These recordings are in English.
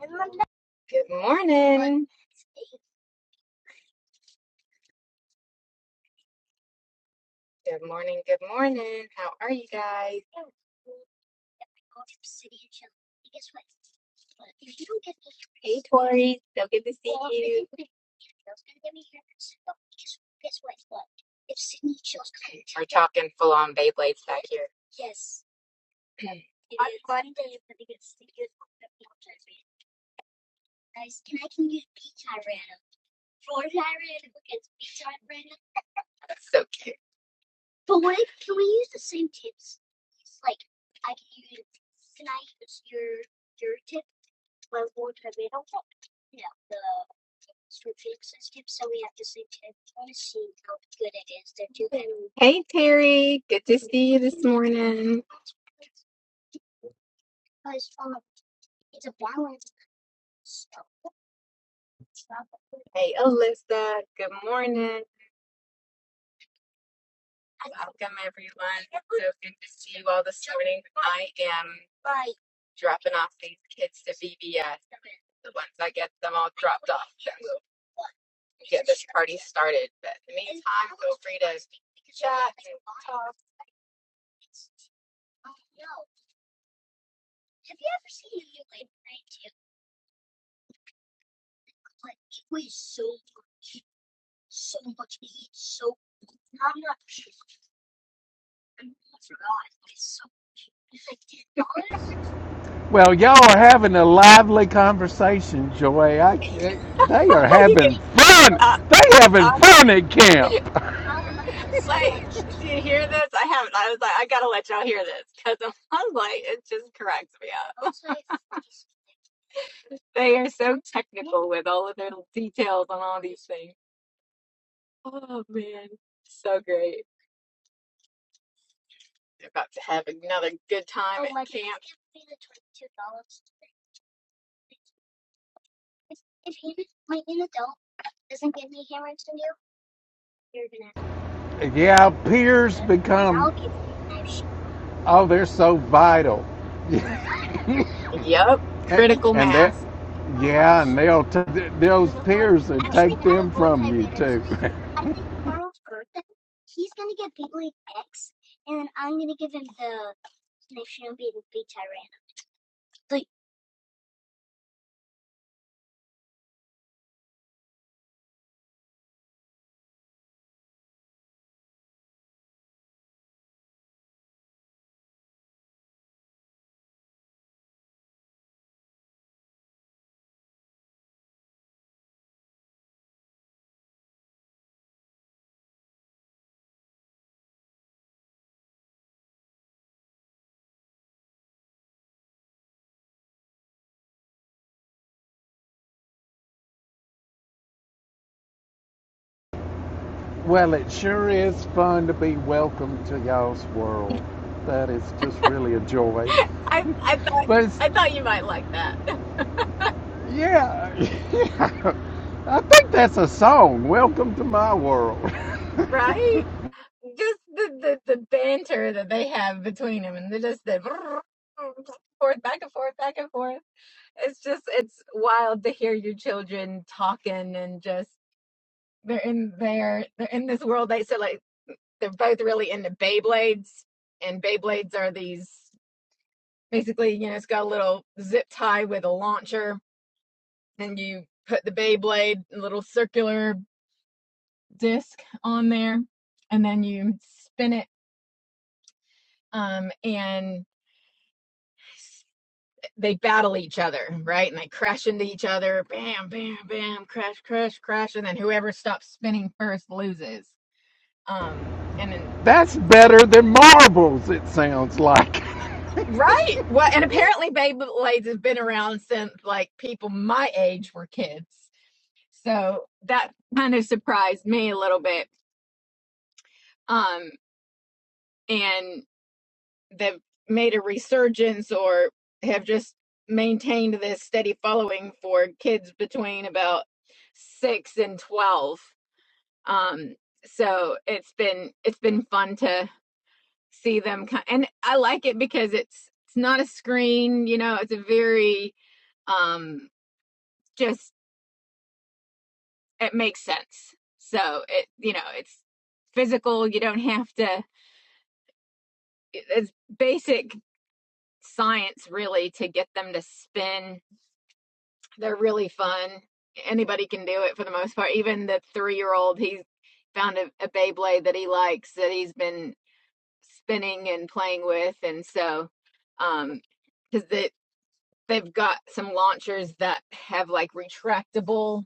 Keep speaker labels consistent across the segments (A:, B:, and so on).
A: Good morning. Good morning. Good morning. How are you guys? Hey, Tori. So good to see you. We're talking full on Beyblades back here. That's so cute. Hey, Terry. Good to see you this morning. Hey, Alyssa. Good morning. Welcome, everyone. So good to see you all this morning. I am dropping off these kids to VBS. The ones I get them all dropped off. get this party started. But in the meantime, feel free to chat and talk.
B: Well, y'all are having a lively conversation, Joy. I, eh, they are having fun.
A: Uh,
B: They having
A: all
B: fun
A: that.
B: at camp.
A: like, do you hear this? I haven't. I was like, I gotta let y'all hear this because I'm like, it just cracks me up. They are so technical with all of their details on all these things. Oh man, so great. They're about to have another good time oh, at camp.
B: Yeah, peers become oh, they're so vital,
A: Yep,
B: and,
A: critical
B: and that
A: mass.
B: yeah, and they'll t- those peers will take them from you too. well, it sure is fun to be welcome to y'all's world. That is just really a joy.
A: I I thought
B: But it's
A: I thought you might like that.
B: Yeah, yeah. I think that's a song. Welcome to my world.
A: right? Just the, the, the banter that they have between them, and they just the forth, back and forth, back and forth. It's just it's wild to hear your children talking and just they're in there, they're in this world. They so like they're both really into Beyblades, and Beyblades are these basically you know it's got a little zip tie with a launcher, and you put the Beyblade a little circular disc on there, and then you spin it. Um, and they battle each other, right? And they crash into each other, bam, bam, bam, crash, crash, crash, and then whoever stops spinning first loses. Um, and then
B: that's
A: that's
B: better than marbles. It sounds like.
A: right. Well, and apparently Beyblades Blades has been around since like people my age were kids, so that kind of surprised me a little bit. Um, and they've made a resurgence or have just maintained this steady following for kids between about six and twelve um so it's been it's been fun to see them ki- and i like it because it's it's not a screen you know it's a very um just it makes sense so it you know it's physical you don't have to it's basic science really to get them to spin they're really fun anybody can do it for the most part even the three year old he's found a, a beyblade that he likes that he's been spinning and playing with and so um because they they've got some launchers that have like retractable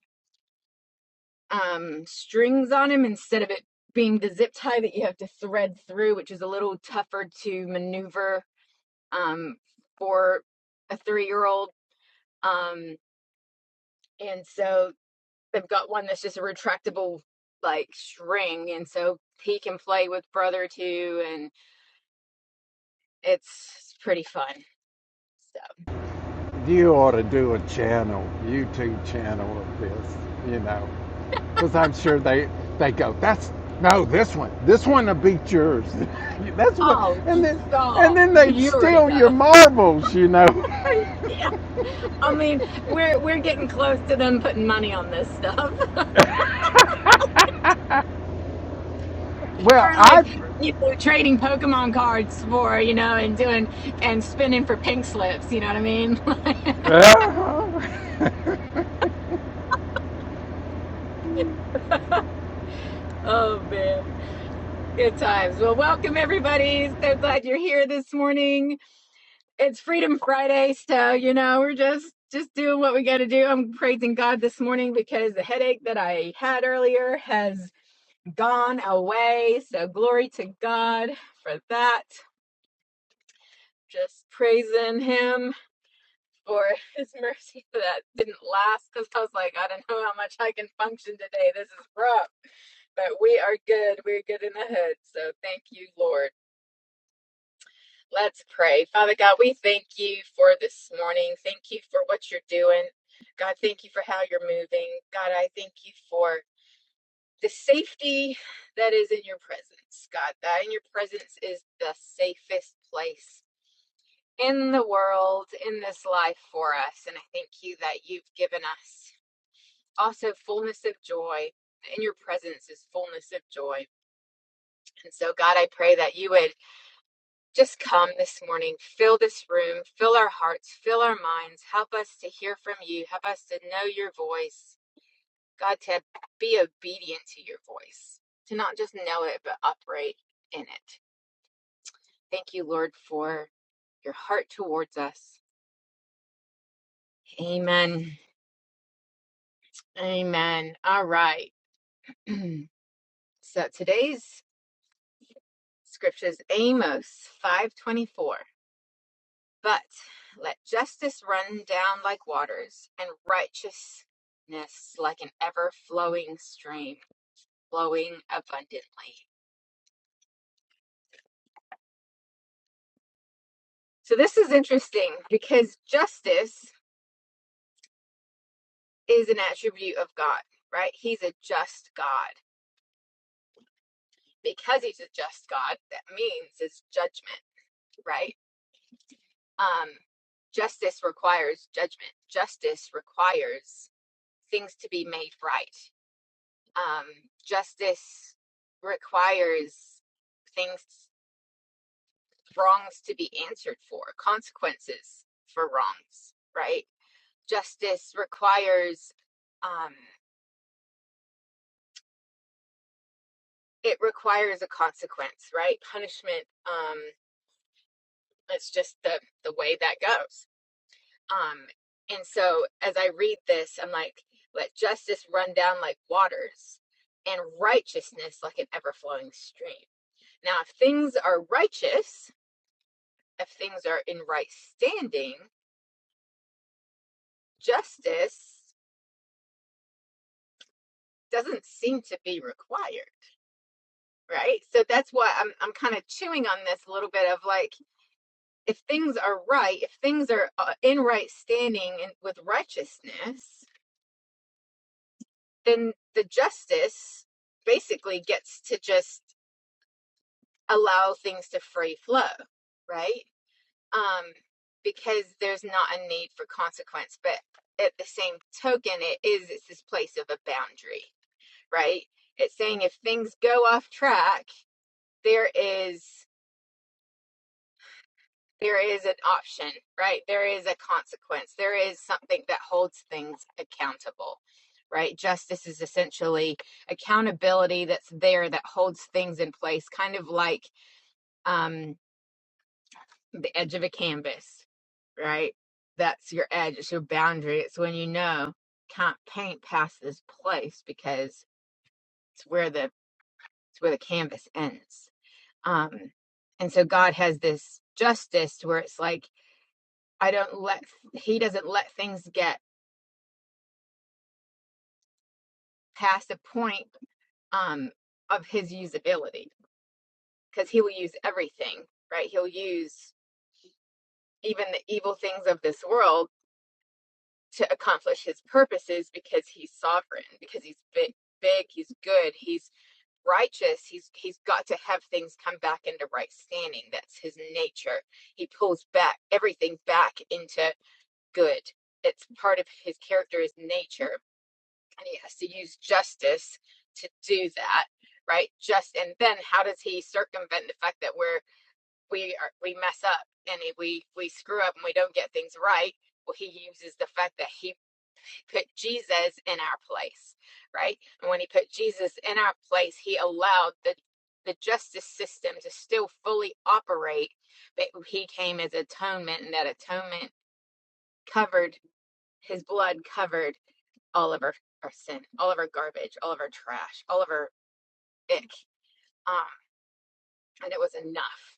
A: um strings on them instead of it being the zip tie that you have to thread through which is a little tougher to maneuver um for a three-year-old um and so they've got one that's just a retractable like string and so he can play with brother too and it's pretty fun so.
B: You ought to do a channel, YouTube channel of this. You know, because I'm sure they they go. That's no this one. This one will beat yours. that's what.
A: Oh,
B: And
A: you-
B: then
A: oh,
B: and then they'd
A: you already
B: steal your
A: know.
B: marbles. You know.
A: Yeah. I mean, we're we're getting close to them putting money on this stuff.
B: Well,
A: Or
B: I.
A: like, you know, trading Pokemon cards for, you know, and doing and spinning for pink slips, you know what I mean?
B: Uh-huh.
A: Oh man. Good times. Well, welcome everybody. So glad you're here this morning. It's Freedom Friday, so you know, we're just just doing what we got to do. I'm praising God this morning because the headache that I had earlier has gone away. So glory to God for that. Just praising him for his mercy that didn't last because I was like, I don't know how much I can function today. This is rough. But we are good. We're good in the hood. So thank you, Lord. Let's pray. Father God, we thank you for this morning. Thank you for what you're doing. God, thank you for how you're moving. God, I thank you for the safety that is in your presence, God. That in your presence is the safest place in the world, in this life for us. And I thank you that you've given us also fullness of joy. In your presence is fullness of joy. And so, God, I pray that you would just come this morning, fill this room, fill our hearts, fill our minds, help us to hear from you, help us to know your voice God said, be obedient to your voice, to not just know it, but operate in it. Thank you, Lord, for your heart towards us. Amen. Amen. All right. so today's scripture is Amos 5:24 but let justice run down like waters and righteousness like an ever flowing stream flowing abundantly so this is interesting because justice is an attribute of God, right? He's a just God. Because he's a just God, that means is judgment, right? Um, justice requires judgment. Justice requires things to be made right. Um, justice requires things, wrongs to be answered for, consequences for wrongs, right? Justice requires um, it requires a consequence, right? Punishment. Um, It's just the the way that goes. Um, and so as I read this, I'm like, let justice run down like waters, and righteousness like an ever flowing stream. Now, if things are righteous, if things are in right standing, justice doesn't seem to be required, right? So that's why I'm I'm kind of chewing on this a little bit of like if things are right, if things are uh, in right standing and with righteousness, then the justice basically gets to just allow things to free flow, right? Um, because there's not a need for consequence. But at the same token, it is it's this place of a boundary, right? It's saying if things go off track, there is there is an option, right? There is a consequence. There is something that holds things accountable, right? Justice is essentially accountability that's there that holds things in place, kind of like um, the edge of a canvas, right? That's your edge, it's your boundary. It's when you know can't paint past this place because it's where the it's where the canvas ends. Um, and so God has this justice where it's like I don't let he doesn't let things get past a point um, of his usability because he will use everything, right? He'll use even the evil things of this world to accomplish his purposes because he's sovereign, because he's big, big, he's good, he's righteous. He's he's got to have things come back into right standing. That's his nature. He pulls back everything back into good. It's part of his character, his nature and he has to use justice to do that right just and then how does he circumvent the fact that we're we are we mess up and we we screw up and we don't get things right well he uses the fact that he put jesus in our place right and when he put jesus in our place he allowed the the justice system to still fully operate but he came as atonement and that atonement covered his blood covered all of our, our sin, all of our garbage, all of our trash, all of our ick. Um, and it was enough.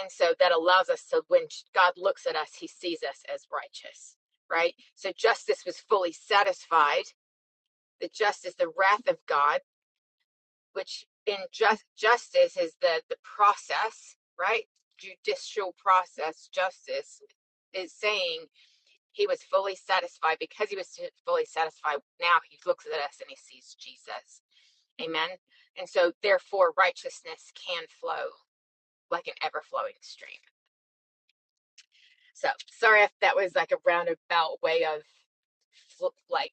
A: And so that allows us to, when God looks at us, he sees us as righteous, right? So justice was fully satisfied. The justice, the wrath of God, which in just justice is the the process, right? Judicial process, justice is saying he was fully satisfied because he was fully satisfied. Now he looks at us and he sees Jesus Amen. And so, therefore, righteousness can flow like an ever flowing stream. So, sorry if that was like a roundabout way of like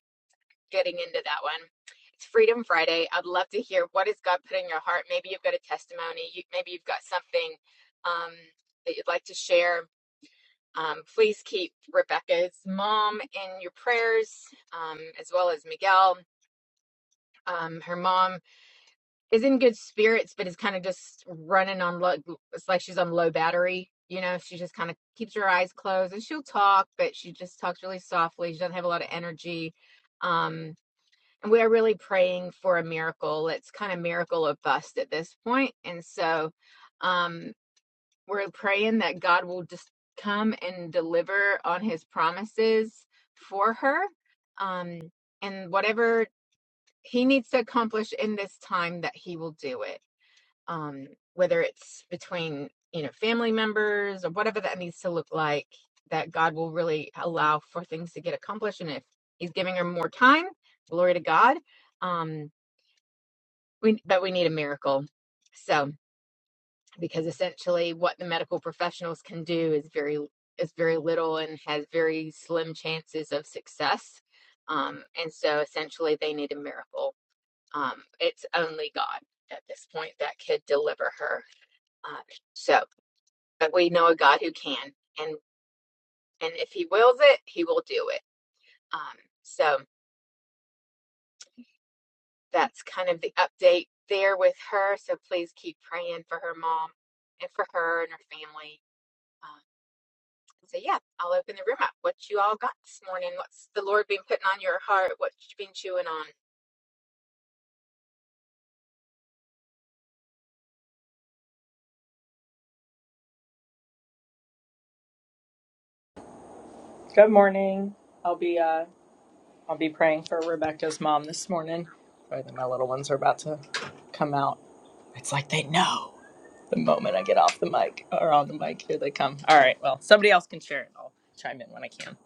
A: getting into that one. It's Freedom Friday. I'd love to hear what has God put in your heart. Maybe you've got a testimony. You, maybe you've got something um, that you'd like to share. Um, please keep Rebecca's mom in your prayers, um, as well as Miguel. Um, her mom is in good spirits, but is kind of just running on low. It's like she's on low battery. You know, she just kind of keeps her eyes closed and she'll talk, but she just talks really softly. She doesn't have a lot of energy. Um, and we're really praying for a miracle. It's kind of miracle or bust at this point. And so um, we're praying that God will just come and deliver on his promises for her. Um, and whatever he needs to accomplish in this time, that he will do it um, whether it's between you know family members or whatever that needs to look like that god will really allow for things to get accomplished and if he's giving her more time glory to god um, we, but we need a miracle so because essentially what the medical professionals can do is very is very little and has very slim chances of success um, and so essentially they need a miracle um, it's only god at this point that could deliver her uh, so but we know a God who can, and and if He wills it, He will do it. Um, so that's kind of the update there with her. So please keep praying for her mom and for her and her family. Um, so yeah, I'll open the room up. What you all got this morning? What's the Lord been putting on your heart? What you been chewing on?
C: Good morning. I'll be uh I'll be praying for Rebecca's mom this morning. I think my little ones are about to come out. It's like they know the moment I get off the mic or on the mic. Here they come. All right. Well, somebody else can share it. I'll chime in when I can.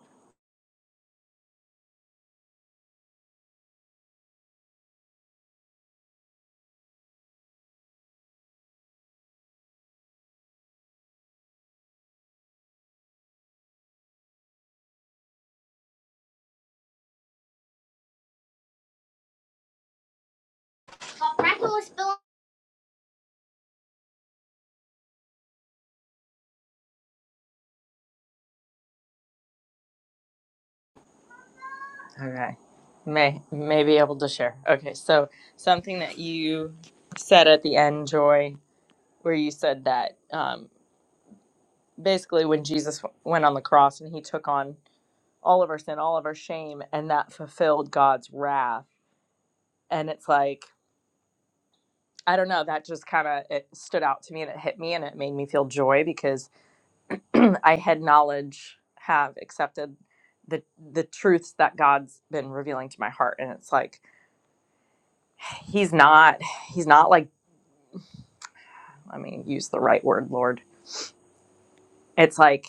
C: Okay. May may be able to share. Okay. So something that you said at the end, Joy, where you said that um, basically when Jesus went on the cross and he took on all of our sin, all of our shame, and that fulfilled God's wrath. And it's like, I don't know, that just kind of it stood out to me and it hit me and it made me feel joy because I had knowledge, have accepted the the truths that God's been revealing to my heart. And it's like he's not he's not like I mean, use the right word, Lord. It's like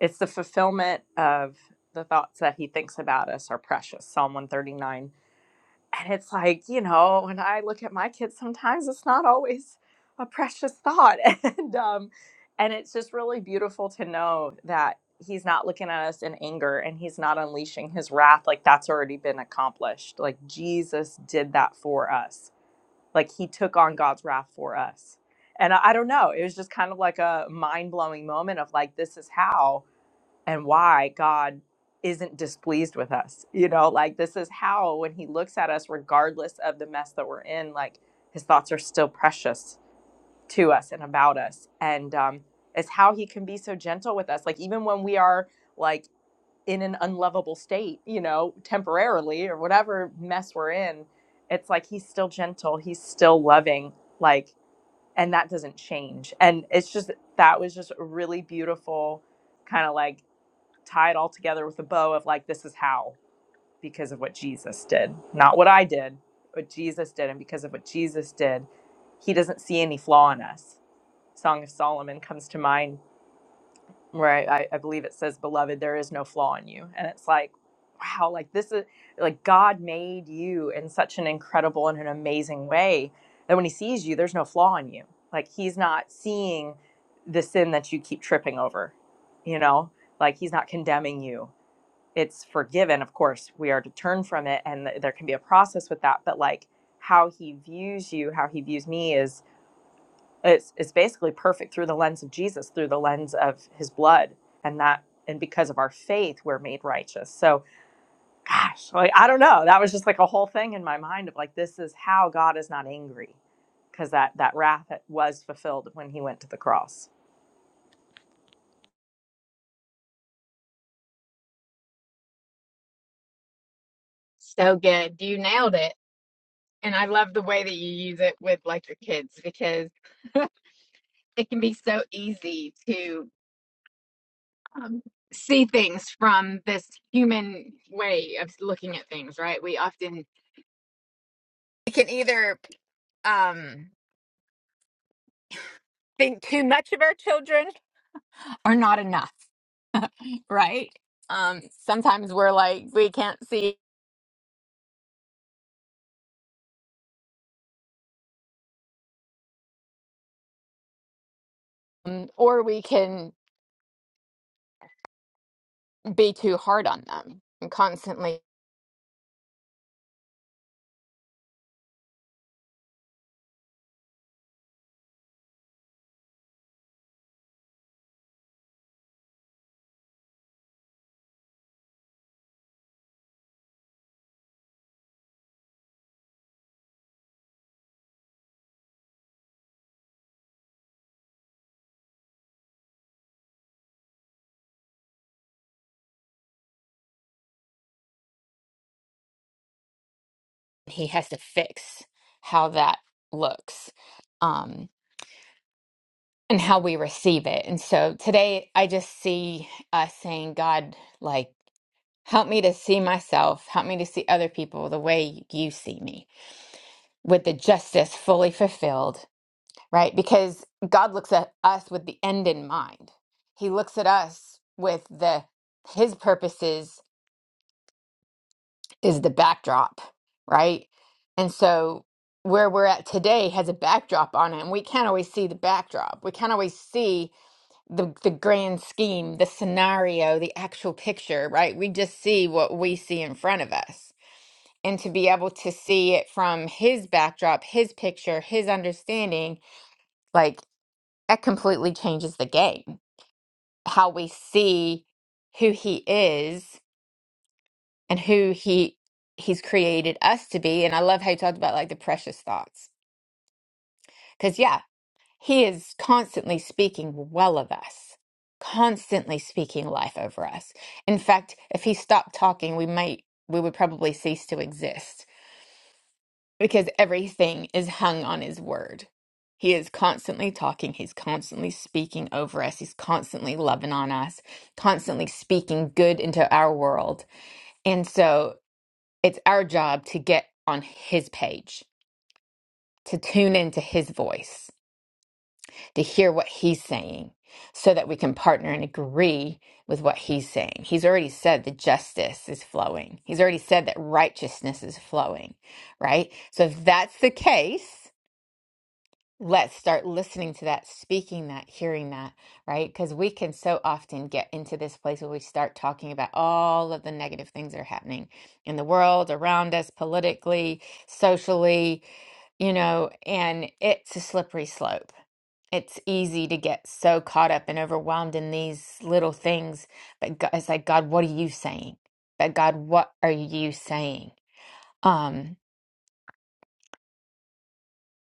C: it's the fulfillment of the thoughts that he thinks about us are precious. Psalm 139 And it's like, you know, when I look at my kids, sometimes it's not always a precious thought. And um, and it's just really beautiful to know that he's not looking at us in anger and he's not unleashing his wrath. Like that's already been accomplished. Like Jesus did that for us. Like he took on God's wrath for us. And I, I don't know. It was just kind of like a mind blowing moment of like, this is how and why God isn't displeased with us. You know, like this is how when he looks at us, regardless of the mess that we're in, like his thoughts are still precious to us and about us. And um, it's how he can be so gentle with us. Like even when we are like in an unlovable state, you know, temporarily or whatever mess we're in, it's like he's still gentle, he's still loving, like, and that doesn't change. And it's just that was just a really beautiful kind of like tie it all together with a bow of like, this is how, because of what Jesus did, not what I did, what Jesus did. And because of what Jesus did, he doesn't see any flaw in us. Song of Solomon comes to mind where I, I I believe it says, Beloved, there is no flaw in you. And it's like, wow, like this is like God made you in such an incredible and an amazing way that when he sees you, there's no flaw in you. Like he's not seeing the sin that you keep tripping over, you know? Like he's not condemning you it's forgiven of course we are to turn from it and th- there can be a process with that but like how he views you how he views me is it's, it's basically perfect through the lens of jesus through the lens of his blood and that and because of our faith we're made righteous so gosh like i don't know that was just like a whole thing in my mind of like this is how god is not angry because that that wrath was fulfilled when he went to the cross
A: So good, you nailed it. And I love the way that you use it with like your kids because it can be so easy to um, see things from this human way of looking at things, right? We often We can either um, think too much of our children or not enough, right? Um, sometimes we're like, we can't see, um, or we can be too hard on them and constantly he has to fix how that looks um, and how we receive it. And so today I just see us saying, God, like, Help me to see myself. Help me to see other people the way you see me with the justice fully fulfilled, right? Because God looks at us with the end in mind. He looks at us with the, his purposes is the backdrop, right? And so where we're at today has a backdrop on it, and we can't always see the backdrop. We can't always see the, the grand scheme, the scenario, the actual picture, right? We just see what we see in front of us. and to be able to see it from his backdrop, his picture, his understanding, like that completely changes the game. How we see who he is and who he he's created us to be. And I love how you talked about like the precious thoughts. Cause yeah, he is constantly speaking well of us, constantly speaking life over us. In fact, if he stopped talking, we might we would probably cease to exist because everything is hung on his word. He is constantly talking, he's constantly speaking over us, he's constantly loving on us, constantly speaking good into our world. And so it's our job to get on his page, to tune into his voice, to hear what he's saying, so that we can partner and agree with what he's saying. He's already said that justice is flowing, he's already said that righteousness is flowing, right? So if that's the case, let's start listening to that, speaking that, hearing that, right? Because we can so often get into this place where we start talking about all of the negative things that are happening in the world, around us, politically, socially, you know, and it's a slippery slope. It's easy to get so caught up and overwhelmed in these little things, but God, it's like, God, what are you saying? But God, what are you saying? Um,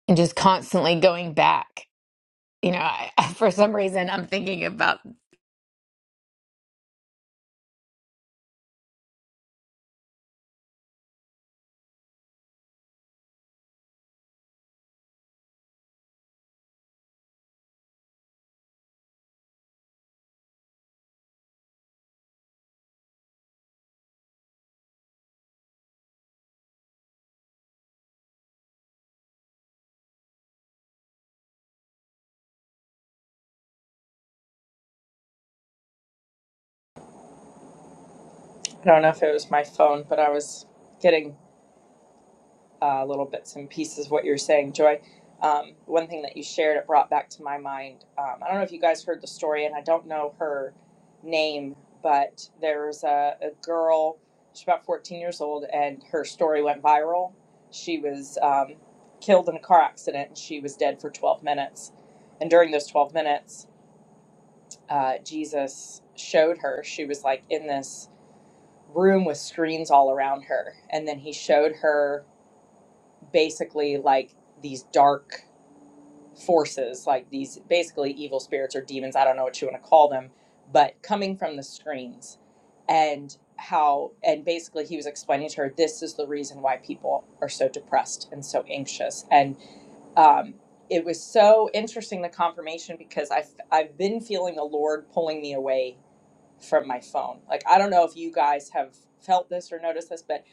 A: and just constantly going back. You know, I, for some reason, I'm thinking about
C: i don't know if it was my phone but i was getting uh, little bits and pieces of what you're saying, Joy. Um, one thing that you shared, it brought back to my mind. Um, I don't know if you guys heard the story, and I don't know her name, but there was a, a girl, she's about 14 years old, and her story went viral. She was um, killed in a car accident, and she was dead for 12 minutes. And during those 12 minutes, uh, Jesus showed her, she was like in this room with screens all around her. And then he showed her basically like these dark forces, like these basically evil spirits or demons, I don't know what you want to call them, but coming from the screens and how and basically he was explaining to her this is the reason why people are so depressed and so anxious and um it was so interesting the confirmation because I've, I've been feeling the lord pulling me away from my phone like i don't know if you guys have felt this or noticed this but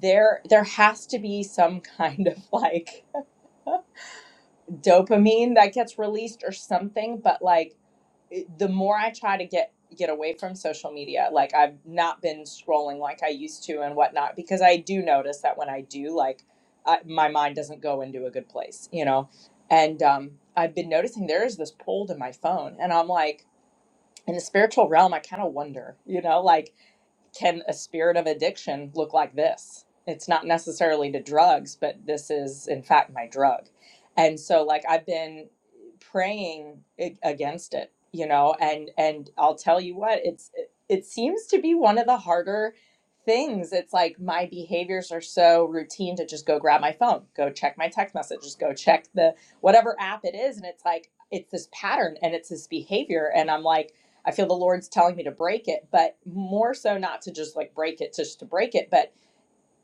C: there there has to be some kind of like dopamine that gets released or something but like it- the more i try to get get away from social media like i've not been scrolling like i used to and whatnot because i do notice that when i do like I, my mind doesn't go into a good place you know and um, i've been noticing there is this pull to my phone and i'm like in the spiritual realm i kind of wonder you know like can a spirit of addiction look like this? It's not necessarily to drugs, but this is, in fact, my drug. And so, like, I've been praying against it, you know, and, and I'll tell you what, it's, it, it seems to be one of the harder things. It's like my behaviors are so routine to just go grab my phone, go check my text messages, go check the whatever app it is. And it's like, it's this pattern and it's this behavior. And I'm like, I feel the Lord's telling me to break it, but more so not to just like break it, just to break it, but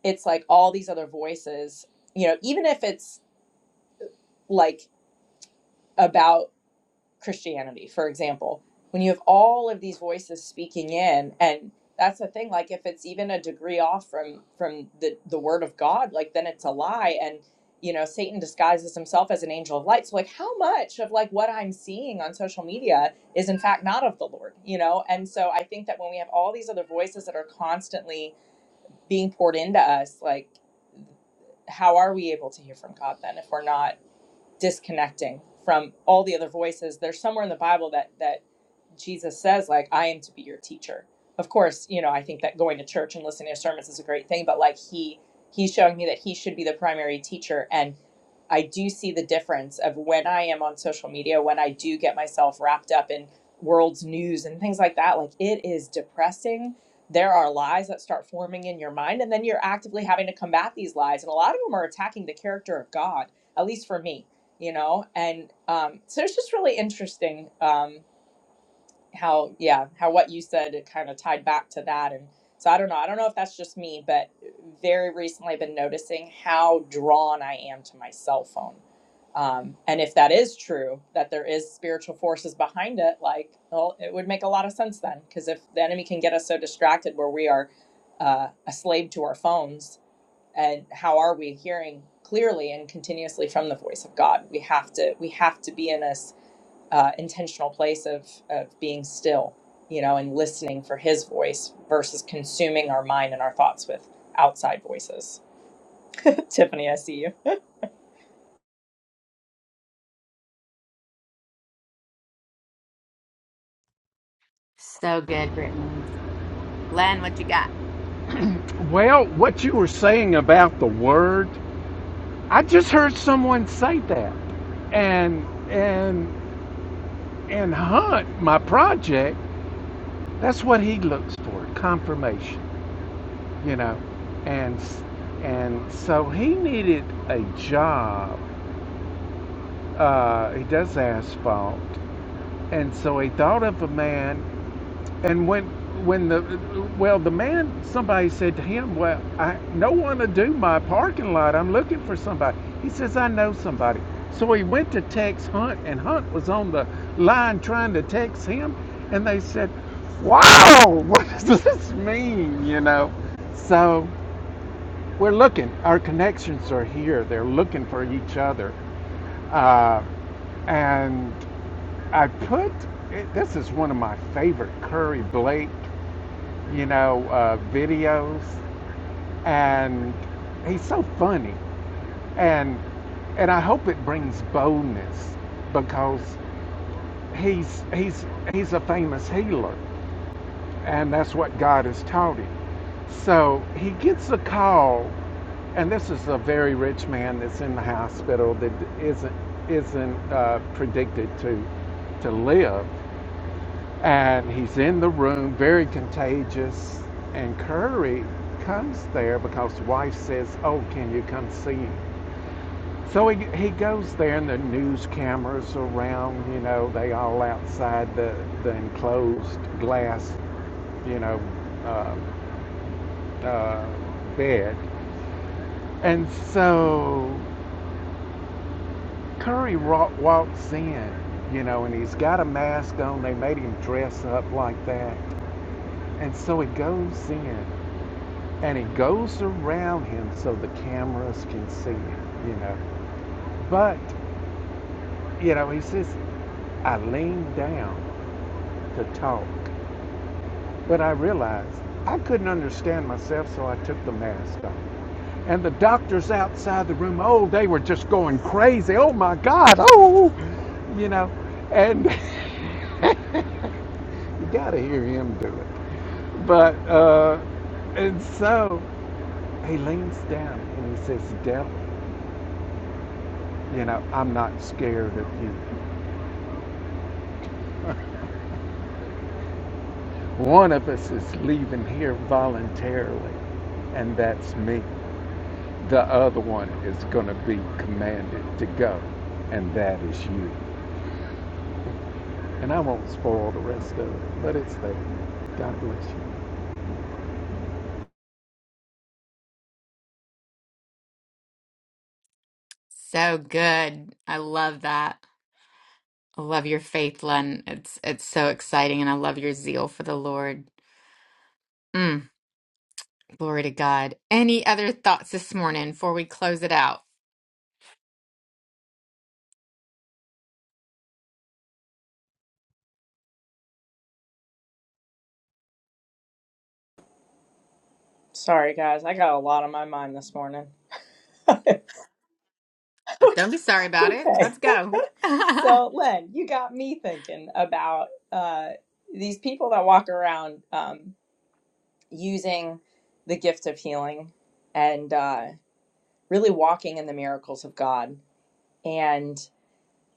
C: it's like all these other voices, you know, even if it's like about Christianity, for example, when you have all of these voices speaking in, and that's the thing, like if it's even a degree off from from the the word of God, like then it's a lie. And you know, Satan disguises himself as an angel of light. So like how much of like what I'm seeing on social media is in fact not of the Lord, you know? And so I think that when we have all these other voices that are constantly being poured into us, like how are we able to hear from God then if we're not disconnecting from all the other voices there's somewhere in the bible that that jesus says like i am to be your teacher of course you know i think that going to church and listening to sermons is a great thing but like he he's showing me that he should be the primary teacher and I do see the difference of when I am on social media, when I do get myself wrapped up in world's news and things like that, like it is depressing. There are lies that start forming in your mind, and then you're actively having to combat these lies. And a lot of them are attacking the character of God, at least for me, you know? And um, so it's just really interesting um, how, yeah, how what you said it kind of tied back to that. And so I don't know. I don't know if that's just me, but very recently I've been noticing how drawn I am to my cell phone um, and if that is true, that there is spiritual forces behind it, like, well, it would make a lot of sense then, because if the enemy can get us so distracted where we are uh, a slave to our phones, and how are we hearing clearly and continuously from the voice of God? We have to we have to be in this uh, intentional place of of being still, you know, and listening for His voice versus consuming our mind and our thoughts with outside voices. Tiffany, I see you.
A: so good, Brittany. Len, what you got?
B: Well, what you were saying about the word I just heard someone say that, and and and Hunt, my project, that's what he looks for, confirmation, you know, and s- and so he needed a job. Uh, he does asphalt, and so he thought of a man And when when the well the man somebody said to him, "Well, I no one to do my parking lot. I'm looking for somebody." He says, "I know somebody." So he went to text Hunt, and Hunt was on the line trying to text him, and they said, "Wow, what does this mean?" You know. So we're looking. Our connections are here. They're looking for each other, uh, and I put. This is one of my favorite Curry Blake you know, uh, videos, and he's so funny, and and I hope it brings boldness because he's he's he's a famous healer, and that's what God has taught him. So he gets a call, and this is a very rich man that's in the hospital that isn't isn't uh, predicted to to live, and he's in the room, very contagious. And Curry comes there because the wife says, "Oh, can you come see him?" So he he goes there, and the news cameras around. You know, they all outside the the enclosed glass, you know, uh, uh, bed. And so Curry ro- walks in, you know, and he's got a mask on. They made him dress up like that. And so he goes in. and it goes around him so the cameras can see him, you know. But, you know, he says, I leaned down to talk, but I realized I couldn't understand myself, so I took the mask off. And the doctors outside the room, oh, they were just going crazy. Oh my God, oh, you know. And you got to hear him do it. But, uh, and so he leans down and he says, "Death." You know, I'm not scared of you. One of us is leaving here voluntarily, and that's me. The other one is going to be commanded to go, and that is you. And I won't spoil the rest of it, but it's there. God bless you.
A: So good. I love that. I love your faith, Len. It's it's so exciting, and I love your zeal for the Lord. Mm, glory to God. Any other thoughts this morning before we close it out?
C: Sorry, guys, I got a lot on my mind this morning.
A: But don't be sorry about it.
C: Okay.
A: Let's go.
C: So, Len, you got me thinking about uh, these people that walk around um, using the gift of healing and uh, really walking in the miracles of God. and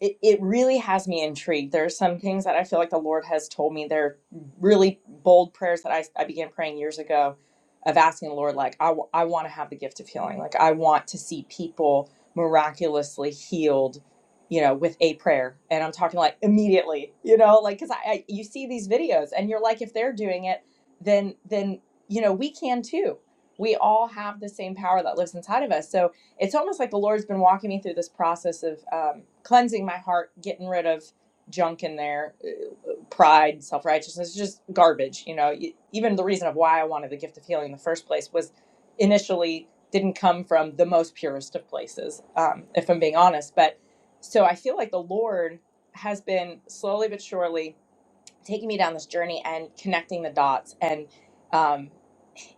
C: it, it really has me intrigued. There are some things that I feel like the Lord has told me. They're really bold prayers that I, I began praying years ago of asking the Lord, like, I, w- I want to have the gift of healing. Like, I want to see people miraculously healed, you know, with a prayer. And I'm talking like immediately, you know, like, cause I, I you see these videos and you're like, if they're doing it, then, then, you know, we can too. We all have the same power that lives inside of us. So, it's almost like the Lord's been walking me through this process of um, cleansing my heart, getting rid of junk in there, uh, pride, self righteousness, just garbage. You know, E- even the reason of why I wanted the gift of healing in the first place was initially didn't come from the most purest of places, um, if I'm being honest. But so I feel like the Lord has been slowly but surely taking me down this journey and connecting the dots and. um,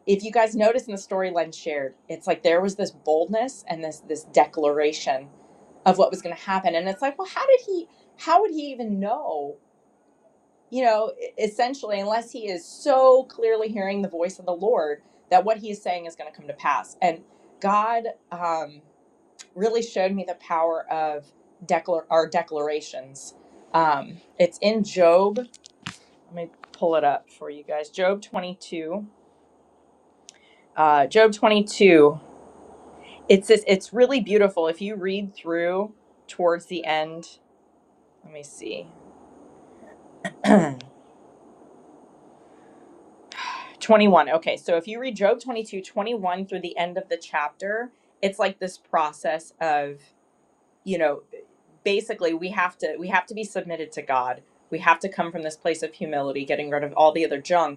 C: if you guys notice in the story Len shared, it's like there was this boldness and this this declaration of what was going to happen, and it's like, well, how did he? How would he even know? You know, e- essentially, unless he is so clearly hearing the voice of the Lord that what he is saying is going to come to pass. And God um, really showed me the power of declar- our declarations. Um, it's in Job. Let me pull it up for you guys. Job twenty two. Uh, Job 22. It's just, it's really beautiful if you read through towards the end. Let me see. 21. Okay, so if you read Job 22 21 through the end of the chapter, it's like this process of, you know, basically we have to we have to be submitted to God. We have to come from this place of humility, getting rid of all the other junk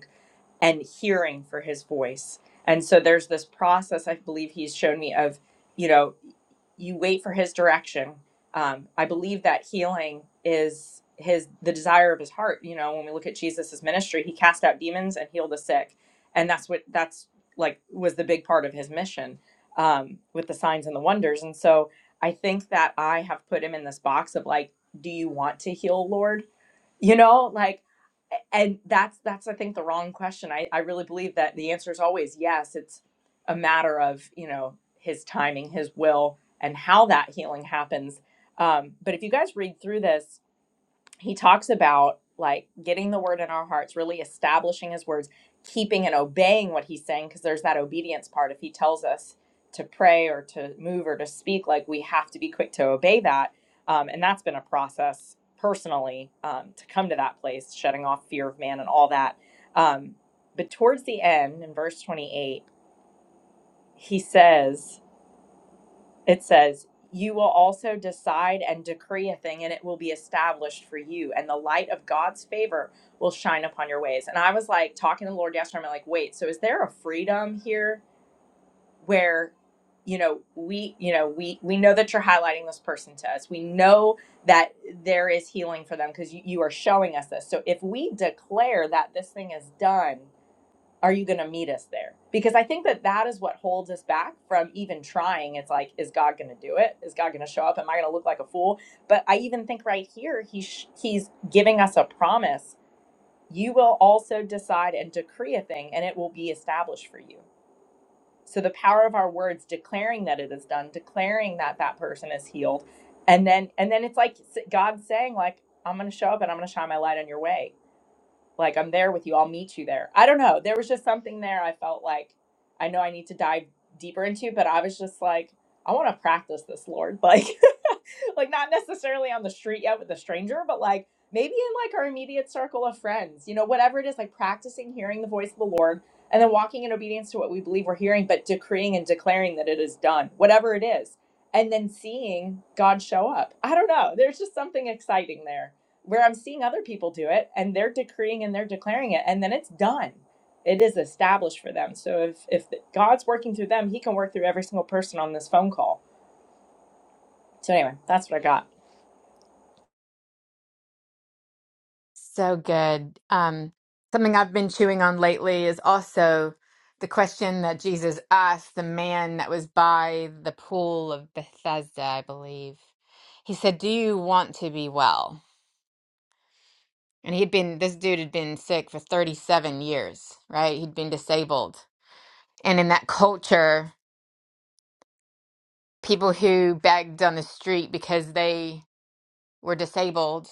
C: and hearing for his voice. And so there's this process I believe he's shown me of, you know, you wait for his direction. Um, I believe that healing is his the desire of his heart. You know, when we look at Jesus' ministry, he cast out demons and healed the sick, and that's what that's like was the big part of his mission um, with the signs and the wonders. And so I think that I have put him in this box of like, do you want to heal, Lord? you know like and that's that's i think the wrong question i i really believe that the answer is always yes it's a matter of you know his timing his will and how that healing happens um, but if you guys read through this he talks about like getting the word in our hearts, really establishing his words, keeping and obeying what he's saying, because there's that obedience part. If he tells us to pray or to move or to speak, like we have to be quick to obey that. Um, and that's been a process personally um, to come to that place, shutting off fear of man and all that. Um, but towards the end, in verse 28, he says, it says, You will also decide and decree a thing, and it will be established for you, and the light of God's favor will shine upon your ways. And I was like talking to the Lord yesterday, I'm like, wait, so is there a freedom here where you know we you know we we know that you're highlighting this person to us we know that there is healing for them because you, you are showing us this so if we declare that this thing is done are you going to meet us there because i think that that is what holds us back from even trying it's like is god going to do it is god going to show up am i going to look like a fool but i even think right here he sh- he's giving us a promise you will also decide and decree a thing and it will be established for you so the power of our words declaring that it is done declaring that that person is healed and then and then it's like god saying like i'm going to show up and i'm going to shine my light on your way like I'm there with you. I'll meet you there. I don't know. There was just something there I felt like I know I need to dive deeper into, but I was just like, I want to practice this, Lord. Like like not necessarily on the street yet with a stranger, but like maybe in like our immediate circle of friends, you know, whatever it is, like practicing hearing the voice of the Lord and then walking in obedience to what we believe we're hearing, but decreeing and declaring that it is done, whatever it is, and then seeing God show up. I don't know. There's just something exciting there where I'm seeing other people do it and they're decreeing and they're declaring it, and then it's done. It is established for them. So if if God's working through them, He can work through every single person on this phone call. So anyway, that's what I got.
A: So good. Um, something I've been chewing on lately is also the question that Jesus asked the man that was by the pool of Bethesda, I believe. He said, Do you want to be well? And he'd been, this dude had been sick for 37 years, right? He'd been disabled. And in that culture, people who begged on the street because they were disabled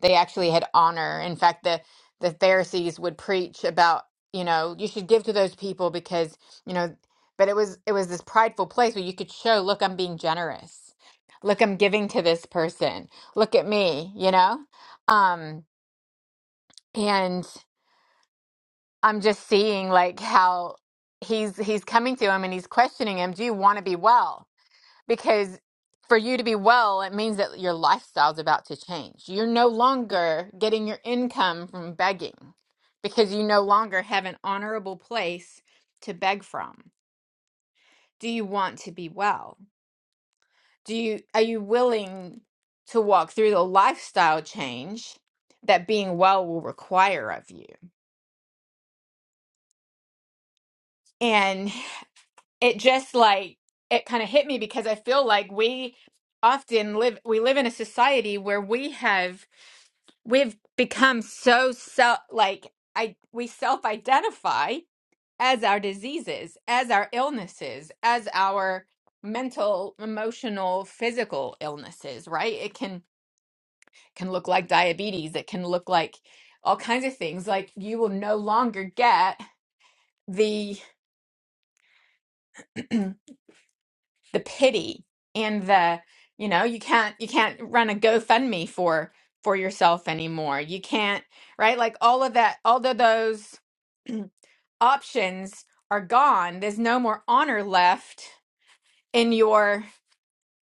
A: They actually had honor. In fact, the the Pharisees would preach about, you know, you should give to those people because, you know, but it was it was this prideful place where you could show, look, I'm being generous. Look, I'm giving to this person. Look at me, you know? Um, and I'm just seeing like how he's he's coming to him and he's questioning him, do you want to be well? because for you to be well, it means that your lifestyle's about to change. You're no longer getting your income from begging because you no longer have an honorable place to beg from. Do you want to be well? Do you are you willing to walk through the lifestyle change that being well will require of you? And. it just like it kind of hit me because I feel like we often live we live in a society where we have we've become so self like I we self identify as our diseases, as our illnesses, as our mental, emotional, physical illnesses, right? It can can look like diabetes, it can look like all kinds of things. Like you will no longer get the the pity and the you know you can't you can't run a GoFundMe for for yourself anymore. You can't right like all of that all of those options are gone. There's no more honor left in your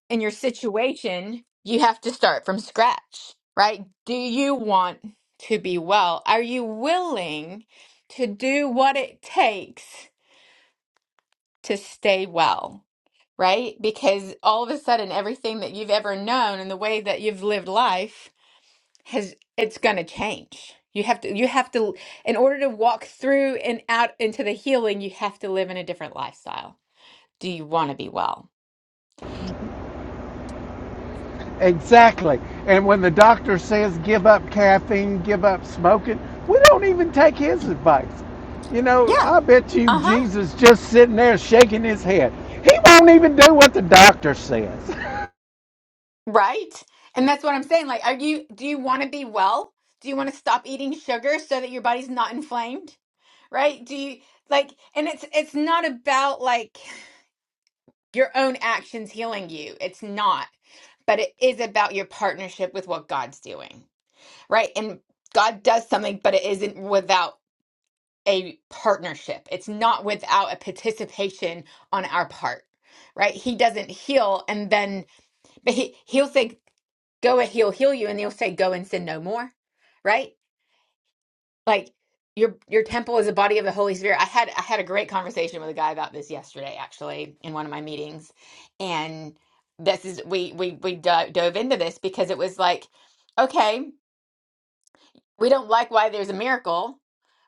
A: in your situation. You have to start from scratch, right? Do you want to be well? Are you willing to do what it takes to stay well? right? Because all of a sudden, everything that you've ever known and the way that you've lived life has it's going to change. You have to, you have to, in order to walk through and out into the healing, you have to live in a different lifestyle. Do you want to be well?
B: Exactly. And when the doctor says give up caffeine, give up smoking, we don't even take his advice. You know,
A: Yeah.
B: I bet you
A: Uh huh.
B: Jesus just sitting there shaking his head. He won't even do what the doctor says.
A: Right. And that's what I'm saying. Like, are you, do you want to be well? Do you want to stop eating sugar so that your body's not inflamed? Right? Do you, like, and it's, it's not about like, your own actions healing you. It's not, but it is about your partnership with what God's doing, right? And God does something, but it isn't without a partnership. It's not without a participation on our part, right? He doesn't heal and then, but he, he'll say, go and he'll heal you. And he'll say, go and sin no more, right? like your your temple is a body of the Holy Spirit. I had I had a great conversation with a guy about this yesterday, actually, in one of my meetings, and this is we we we do- dove into this because it was like, okay. We don't like why there's a miracle,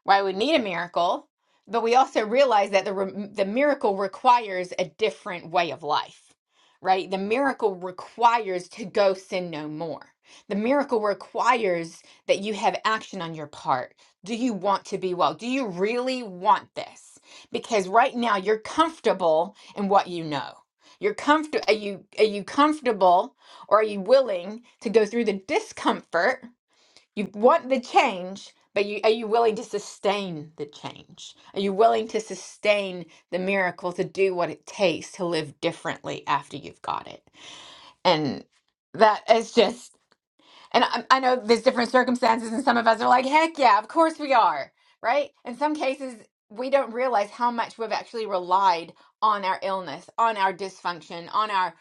A: why we need a miracle, but we also realize that the re- the miracle requires a different way of life, right? The miracle requires to go sin no more. The miracle requires that you have action on your part. Do you want to be well? Do you really want this? Because right now you're comfortable in what you know. You're comfortable. Are you are you comfortable, or are you willing to go through the discomfort? You want the change, but you, are you willing to sustain the change? Are you willing to sustain the miracle to do what it takes to live differently after you've got it? And that is just, and I, I know there's different circumstances, and some of us are like, heck yeah, of course we are, right? In some cases, we don't realize how much we've actually relied on our illness, on our dysfunction, on our,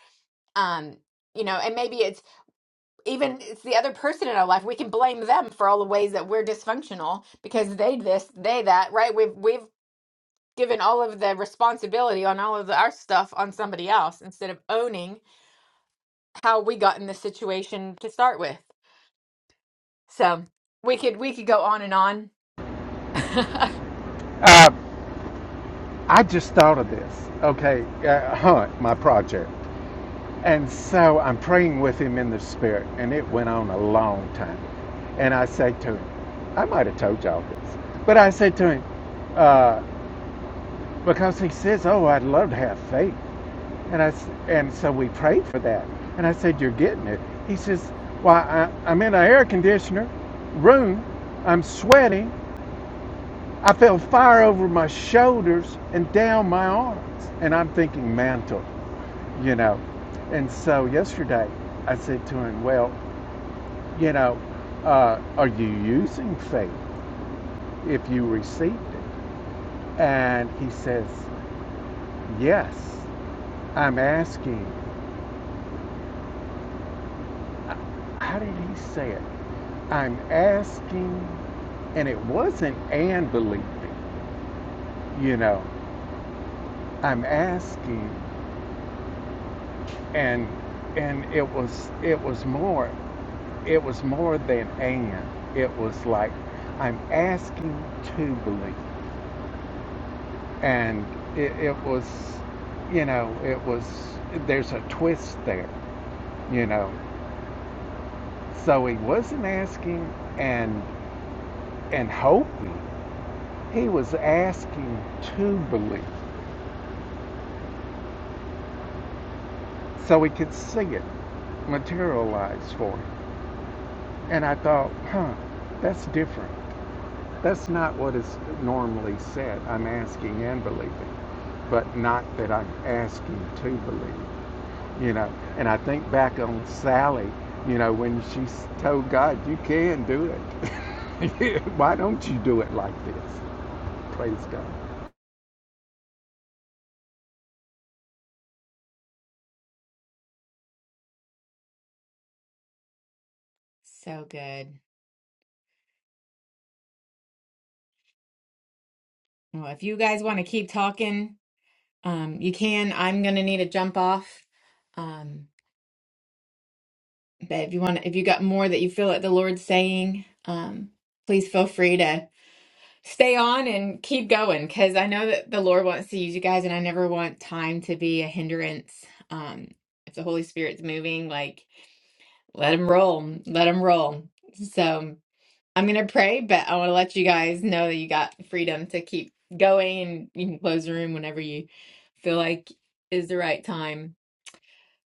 A: um, you know, and maybe it's even it's the other person in our life we can blame them for all the ways that we're dysfunctional because they this they that right we've we've given all of the responsibility on all of the, our stuff on somebody else instead of owning how we got in this situation to start with so we could we could go on and on
B: Uh, I just thought of this. Okay, uh, Hunt, my project. And so I'm praying with him in the spirit, and it went on a long time. And I say to him, I might have told y'all this, but I said to him, uh, because he says, "Oh, I'd love to have faith," and I and so we prayed for that. And I said, "You're getting it." He says, "Well, I, I'm in an air conditioner room. I'm sweating. I felt fire over my shoulders and down my arms. And I'm thinking mantle, you know. And so yesterday I said to him, Well, you know, uh, are you using faith if you received it? And he says, Yes, I'm asking. How did he say it? I'm asking, and it wasn't and believing, you know. I'm asking, and and it was it was more. It was more than and. It was like, I'm asking to believe. And it, it was, you know, it was, there's a twist there, you know. So he wasn't asking and, and hoping. He was asking to believe. So he could see it materialize for him. And I thought, huh, that's different. That's not what is normally said. I'm asking and believing. but not that I'm asking to believe, you know. And I think back on Sally, you know, when she told God, You can do it. Why don't you do it like this? Praise God.
A: so good well if you guys want to keep talking um you can i'm gonna need a jump off um but if you want if you got more that you feel that the lord's saying um please feel free to stay on and keep going because I know that the Lord wants to use you guys, and I never want time to be a hindrance. Um, if the Holy Spirit's moving, like let him roll, let him roll. So I'm gonna pray, but I want to let you guys know that you got freedom to keep going, and you can close the room whenever you feel like is the right time.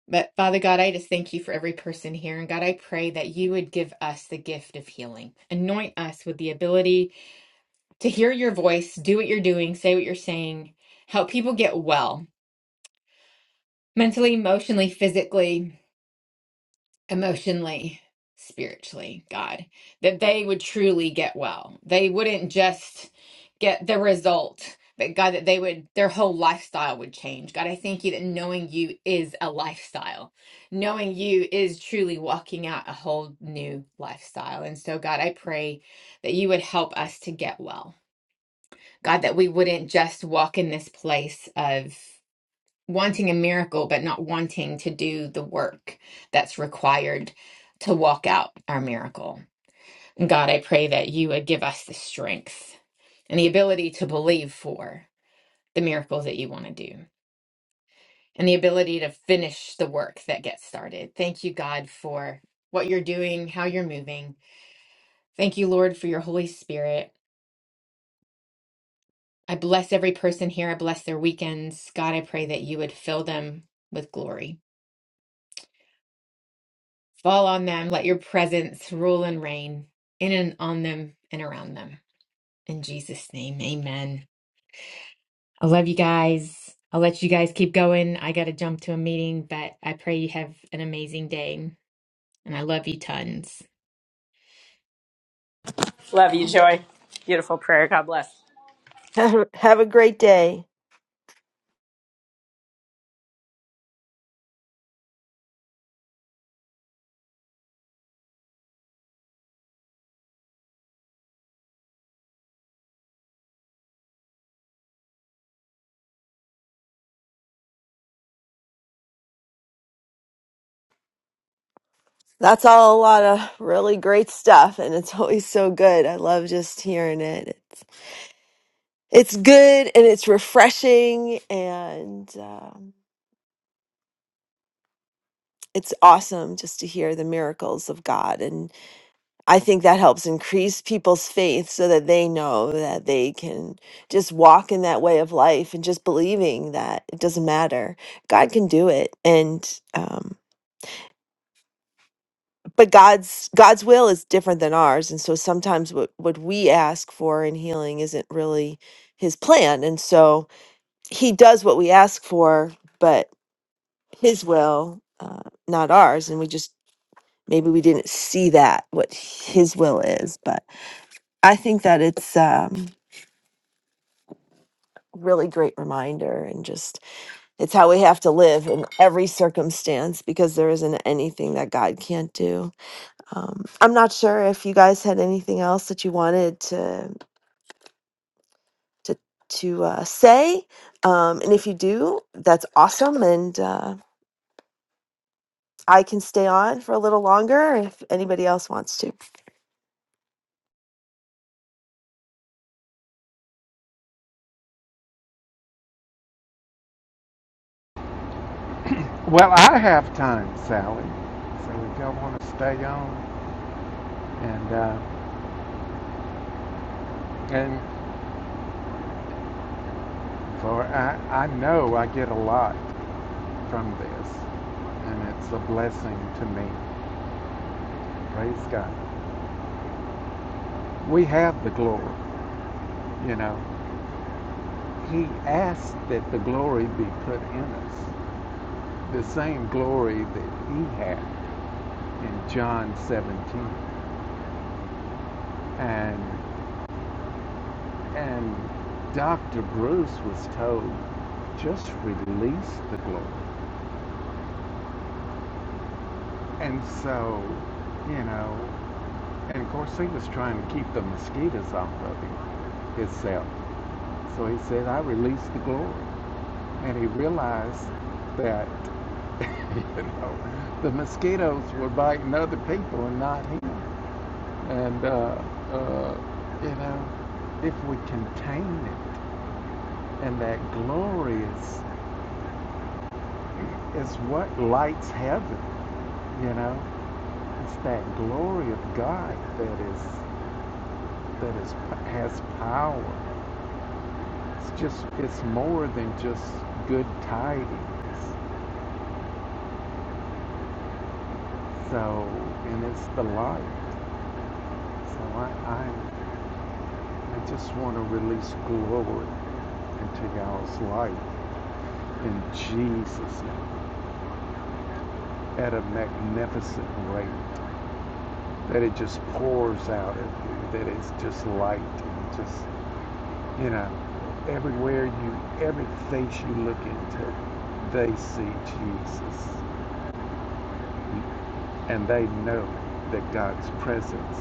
A: But Father God, I just thank you for every person here. And God, I pray that you would give us the gift of healing. Anoint us with the ability to hear your voice, do what you're doing, say what you're saying, help people get well mentally, emotionally, physically, emotionally, spiritually, God, that they would truly get well. They wouldn't just get the result, but God, that they would, their whole lifestyle would change. God, I thank you that knowing you is a lifestyle. Knowing you is truly walking out a whole new lifestyle. And so, God, I pray that you would help us to get well God, that we wouldn't just walk in this place of wanting a miracle, but not wanting to do the work that's required to walk out our miracle. And God, I pray that you would give us the strength and the ability to believe for the miracles that you want to do and the ability to finish the work that gets started. Thank you, God, for what you're doing, how you're moving. Thank you, Lord, for your Holy Spirit. I bless every person here. I bless their weekends. God, I pray that you would fill them with glory. Fall on them. Let your presence rule and reign in and on them and around them. In Jesus' name, amen. I love you guys. I'll let you guys keep going. I got to jump to a meeting, but I pray you have an amazing day. And I love you tons.
C: Love you, Joy. Beautiful prayer. God bless.
D: Have have a great day. That's all a lot of really great stuff, and it's always so good. I love just hearing it. It's it's good and it's refreshing, and um, it's awesome just to hear the miracles of God. And I think that helps increase people's faith so that they know that they can just walk in that way of life and just believing that it doesn't matter. God can do it, and. um, but god's god's will is different than ours and so sometimes what what we ask for in healing isn't really his plan and so he does what we ask for but his will uh, not ours and we just maybe we didn't see that what his will is but i think that it's um really great reminder and just it's how we have to live in every circumstance because there isn't anything that god can't do Um, I'm not sure if you guys had anything else that you wanted to to to uh, say, um, and if you do, that's awesome. And uh, I can stay on for a little longer if anybody else wants to.
B: Well, I have time, Sally. So if y'all want to stay on, and uh, and for I, I know I get a lot from this, and it's a blessing to me. Praise God. We have the glory, you know. He asked that the glory be put in us, the same glory that he had in John 17. And and Dr. Bruce was told, just release the glory. And so, you know, and of course he was trying to keep the mosquitoes off of him himself. So he said, I release the glory. And he realized that, you know, the mosquitoes were biting other people and not him. And, uh, uh, you know, if we contain it, and that glory is, is what lights heaven, you know? It's that glory of God that is, that is, has power. It's just, it's more than just good tidings. So, and it's the light. So I, I, I just want to release glory into y'all's life in Jesus' name. at a magnificent rate, that it just pours out of you, that it's just light, and just, you know, everywhere you, every face you look into, they see Jesus. And they know that God's presence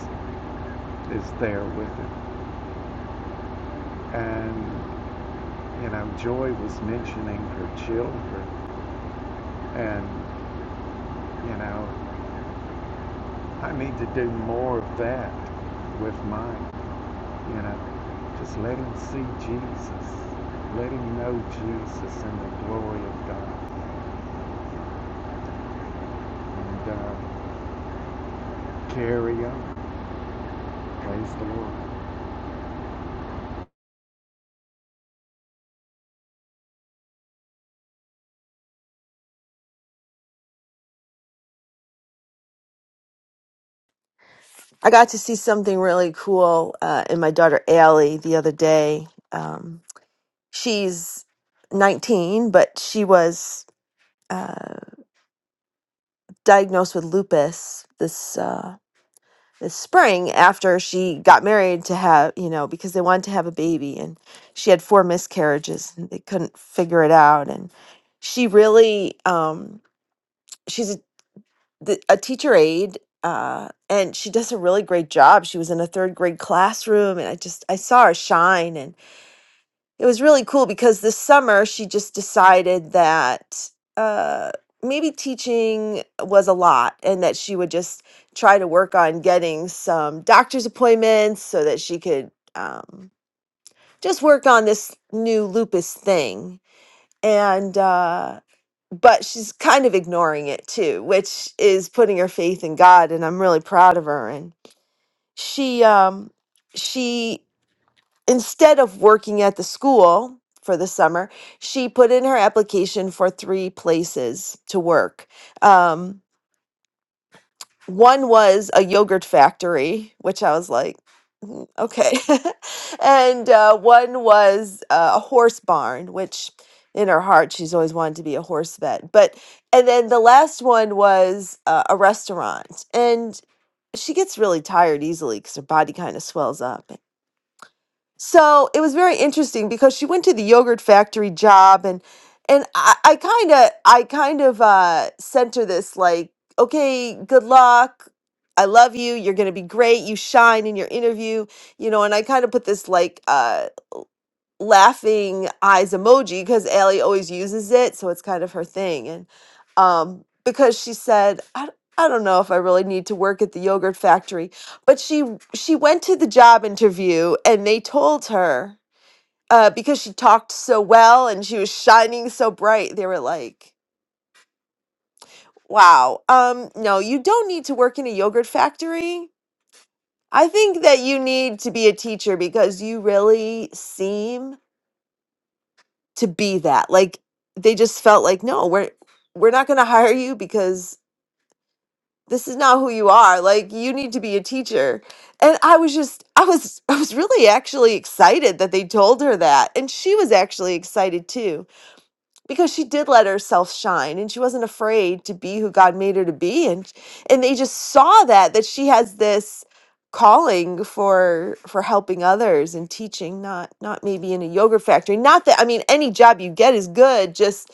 B: is there with them. And, you know, Joy was mentioning her children. And, you know, I need to do more of that with mine. You know, just let him see Jesus. Let him know Jesus and the glory of God. And uh, carry on. Praise the Lord.
D: I got to see something really cool uh, in my daughter Allie the other day. Um, she's 19, but she was uh, diagnosed with lupus this. Uh, this spring after she got married to have, you know, because they wanted to have a baby and she had four miscarriages and they couldn't figure it out. And she really, um, she's a, the- a teacher aide uh, and she does a really great job. She was in a third grade classroom and I just, I saw her shine it was really cool because this summer she just decided that uh, maybe teaching was a lot and that she would just try to work on getting some doctor's appointments so that she could um, just work on this new lupus thing. And, uh, but she's kind of ignoring it too, which is putting her faith in God. And I'm really proud of her. And she, um, she instead of working at the school for the summer, she put in her application for three places to work. Um, one was a yogurt factory, which I was like, "Mm, okay. and uh, one was uh, a horse barn, which in her heart, she's always wanted to be a horse vet. But, and then the last one was uh, a restaurant. And she gets really tired easily because her body kind of swells up. So it was very interesting because she went to the yogurt factory job and and I, I kinda I kind of uh sent her this like, okay, good luck. I love you. You're gonna be great. You shine in your interview, you know, and I kind of put this like uh, laughing eyes emoji because Allie always uses it, so it's kind of her thing. And um, because she said, "I I d- I don't know if I really need to work at the yogurt factory, but she she went to the job interview and they told her uh, because she talked so well and she was shining so bright. They were like, "Wow, um, no, you don't need to work in a yogurt factory." I think that you need to be a teacher because you really seem to be that. Like they just felt like, no, we're we're not going to hire you because this is not who you are. Like you need to be a teacher. And I was just I was I was really actually excited that they told her that. And she was actually excited too because she did let herself shine and she wasn't afraid to be who God made her to be and and they just saw that that she has this calling for for helping others and teaching not not maybe in a yogurt factory not that I mean any job you get is good just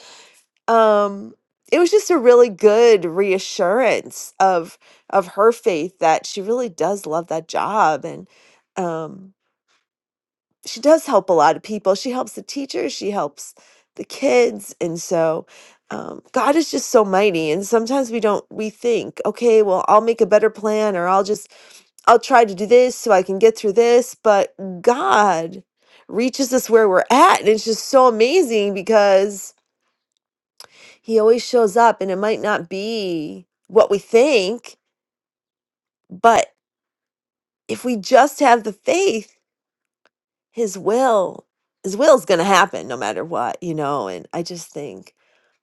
D: um it was just a really good reassurance of of her faith that she really does love that job and um she does help a lot of people. She helps the teachers, she helps the kids. And so um, God is just so mighty. And sometimes we don't, we think, okay, well, I'll make a better plan or I'll just, I'll try to do this so I can get through this. But God reaches us where we're at. And it's just so amazing because He always shows up and it might not be what we think, but if we just have the faith, his will his will's going to happen no matter what you know and i just think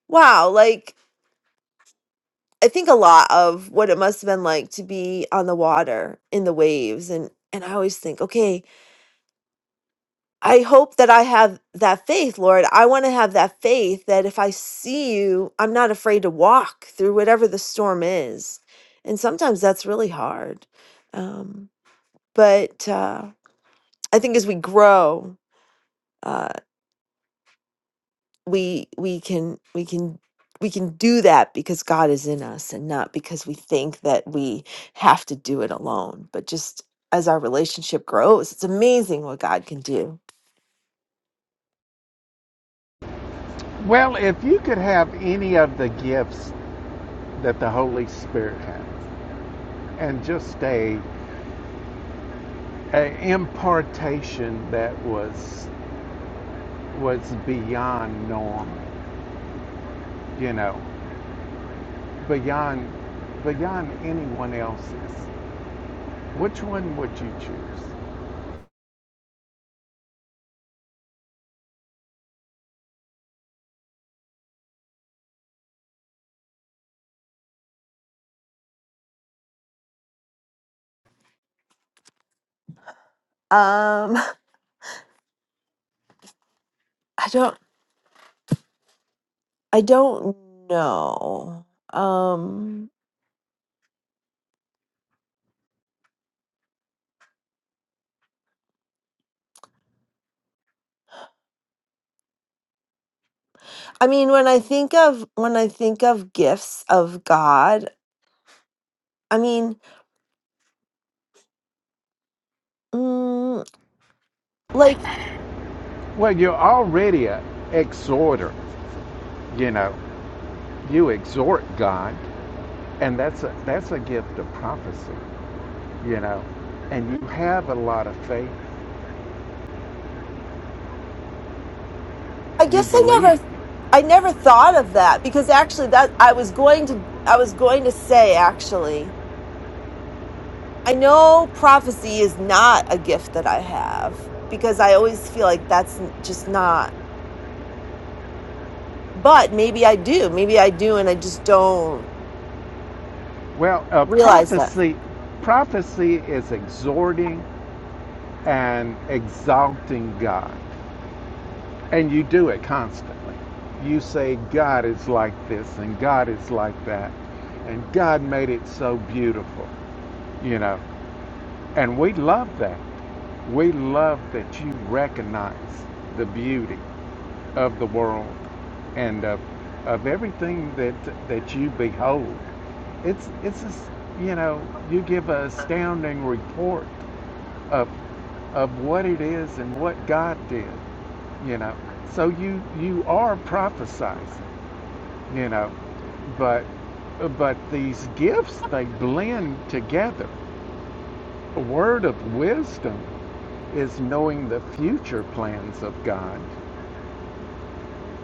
D: wow like i think a lot of what it must have been like to be on the water in the waves and and i always think okay i hope that i have that faith lord i want to have that faith that if i see you i'm not afraid to walk through whatever the storm is and sometimes that's really hard um but uh i think as we grow uh, we we can we can we can do that because God is in us and not because we think that we have to do it alone but just as our relationship grows it's amazing what God can do
B: Well, if you could have any of the gifts that the Holy Spirit has, and just a, a impartation that was was beyond norm, you know, beyond beyond anyone else's, which one would you choose?
D: um I don't I don't know um I mean when I think of when I think of gifts of God I mean mm, like
B: Well, you're already a exhorter. You know, you exhort God, and that's a that's a gift of prophecy. You know, and you have a lot of faith.
D: I
B: You
D: guess I
B: believe.
D: never I never thought of that because actually that I was going to I was going to say actually I know prophecy is not a gift that I have because I always feel like that's n- just not but maybe I do maybe I do and I just don't
B: Well, uh,
D: realize that.
B: prophecy, prophecy is exhorting and exalting God, and you do it constantly. You say God is like this, and God is like that, and God made it so beautiful. You know, and we love that We love that you recognize the beauty of the world and of, of everything that that you behold. It's it's just, you know you give an astounding report of of what it is and what God did. You know, so you you are prophesizing. You know, but but these gifts they blend together. A word of wisdom is knowing the future plans of God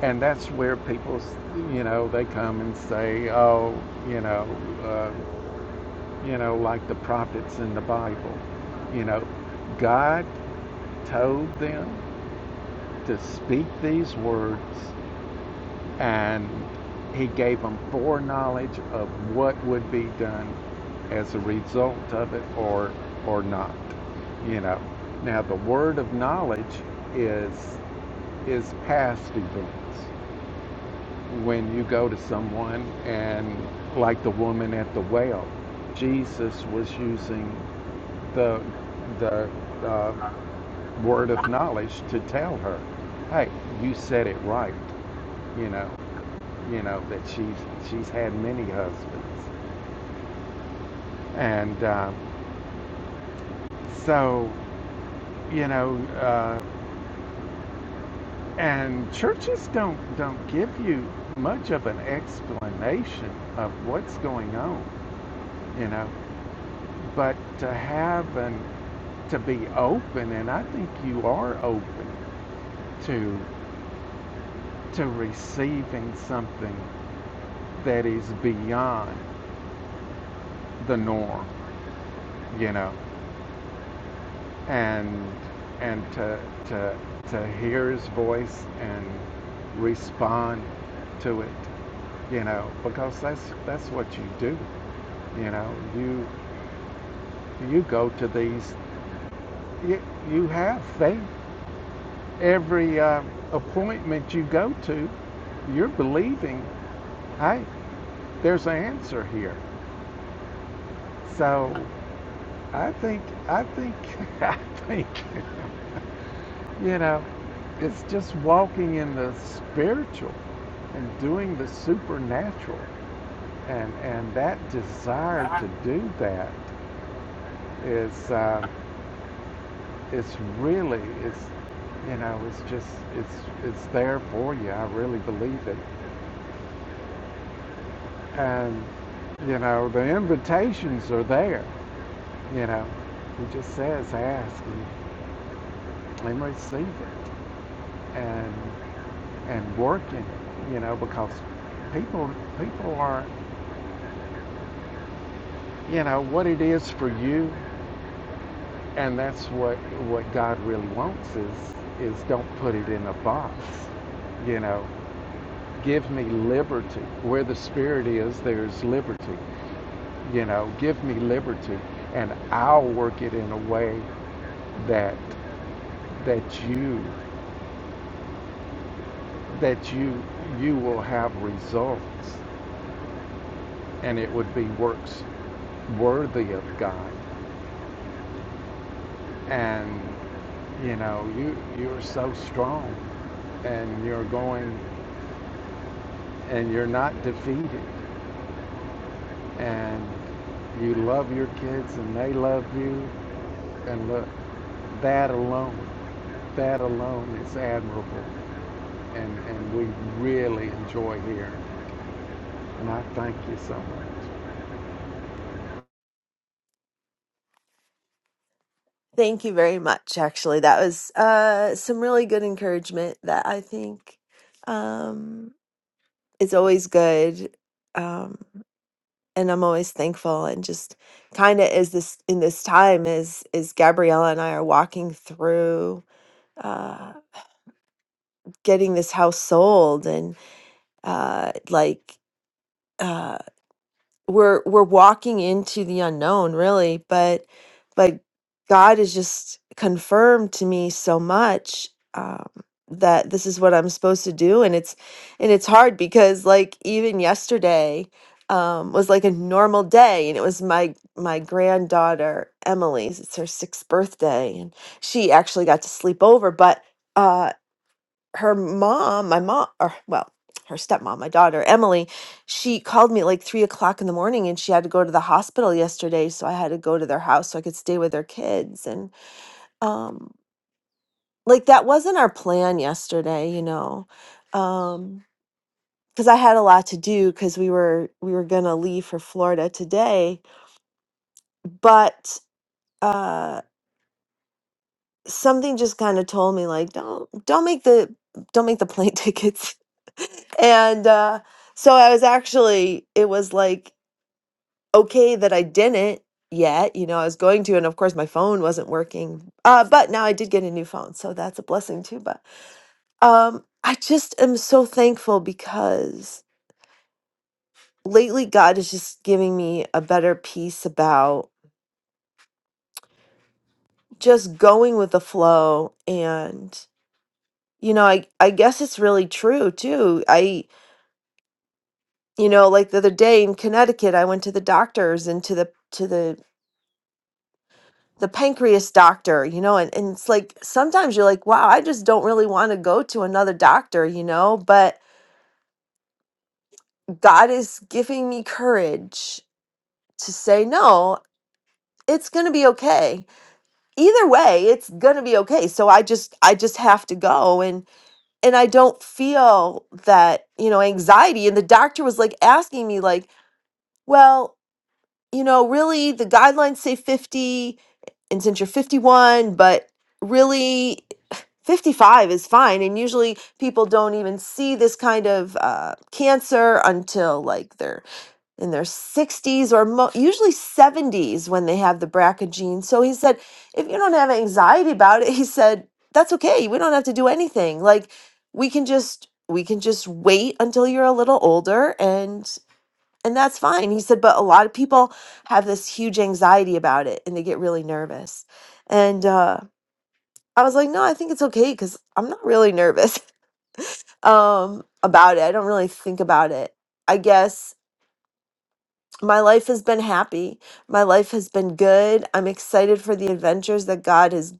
B: And that's where people, you know, they come and say, oh, you know, uh, you know, like the prophets in the Bible, you know, God told them to speak these words and he gave them foreknowledge of what would be done as a result of it or or not you know now the word of knowledge is is past events when you go to someone and like the woman at the well jesus was using the the uh, word of knowledge to tell her hey you said it right you know you know that she's she's had many husbands and um, so you know uh, and churches don't don't give you much of an explanation of what's going on you know but to have and to be open, and I think you are open to to receiving something that is beyond the norm, you know, and and to to to hear his voice and respond to it, you know, because that's that's what you do, you know. You you go to these you, you have faith, every uh, appointment you go to, you're believing, hey, there's an answer here. So I think, I think, I think, you know, it's just walking in the spiritual and doing the supernatural. And, and that desire to do that is, um, it's really, it's, you know, it's just, it's, it's there for you. I really believe it. And, you know, the invitations are there. You know, he just says, ask and, and receive it and, and work in it, you know, because people, people are, you know, what it is for you. And that's what, what God really wants is, is don't put it in a box, you know, give me liberty. Where the Spirit is, there's liberty. You know, give me liberty and I'll work it in a way that that you that you you will have results and it would be works worthy of God and you know you you're so strong and you're going and you're not defeated and you love your kids and they love you and look that alone that alone is admirable and and we really enjoy here. and I thank you so much
D: Thank you very much actually that was uh some really good encouragement that I think um is always good um and I'm always thankful and just kind of is this in this time is is Gabriella and I are walking through uh getting this house sold and uh like uh, we're we're walking into the unknown really but but god has just confirmed to me so much um that this is what i'm supposed to do and it's and it's hard because like even yesterday um was like a normal day and it was my my granddaughter emily's it's her sixth birthday and she actually got to sleep over but uh, her mom, my mom, or well, her stepmom, my daughter, Emily, she called me at like three o'clock in the morning and she had to go to the hospital yesterday. So I had to go to their house so I could stay with their kids. And um, like that wasn't our plan yesterday, you know. Um, because I had a lot to do because we were we were gonna leave for Florida today. But uh, something just kind of told me like don't don't make the don't make the plane tickets and uh so i was actually it was like okay that i didn't yet you know i was going to and of course my phone wasn't working uh but now i did get a new phone so that's a blessing too but um i just am so thankful because lately god is just giving me a better peace about just going with the flow and you know i i guess it's really true too i you know like the other day in connecticut i went to the doctors and to the to the the pancreas doctor you know and, and it's like sometimes you're like wow i just don't really want to go to another doctor you know but god is giving me courage to say no it's going to be okay either way it's going to be okay so i just i just have to go and and i don't feel that you know anxiety and the doctor was like asking me like well you know really the guidelines say 50 and since you're 51, but really 55 is fine. And usually people don't even see this kind of uh, cancer until like they're in their 60s or mo- usually 70s when they have the BRCA gene. So he said, if you don't have anxiety about it, he said, that's okay. We don't have to do anything. Like we can just we can just wait until you're a little older and. And that's fine. He said, but a lot of people have this huge anxiety about it and they get really nervous. And uh, I was like, no, I think it's okay because I'm not really nervous um, about it. I don't really think about it. I guess my life has been happy. My life has been good. I'm excited for the adventures that God is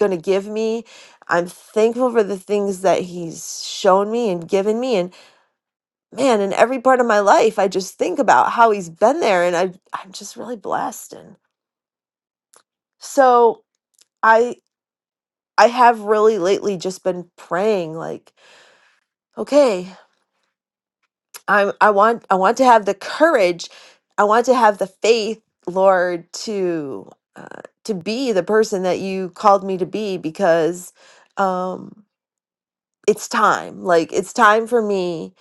D: going to give me. I'm thankful for the things that He's shown me and given me. And man, in every part of my life, I just think about how He's been there. And I, I'm just really blessed. And So I I have really lately just been praying like, okay, I'm I want I want to have the courage, I want to have the faith, Lord, to uh, to be the person that you called me to be because um, it's time like it's time for me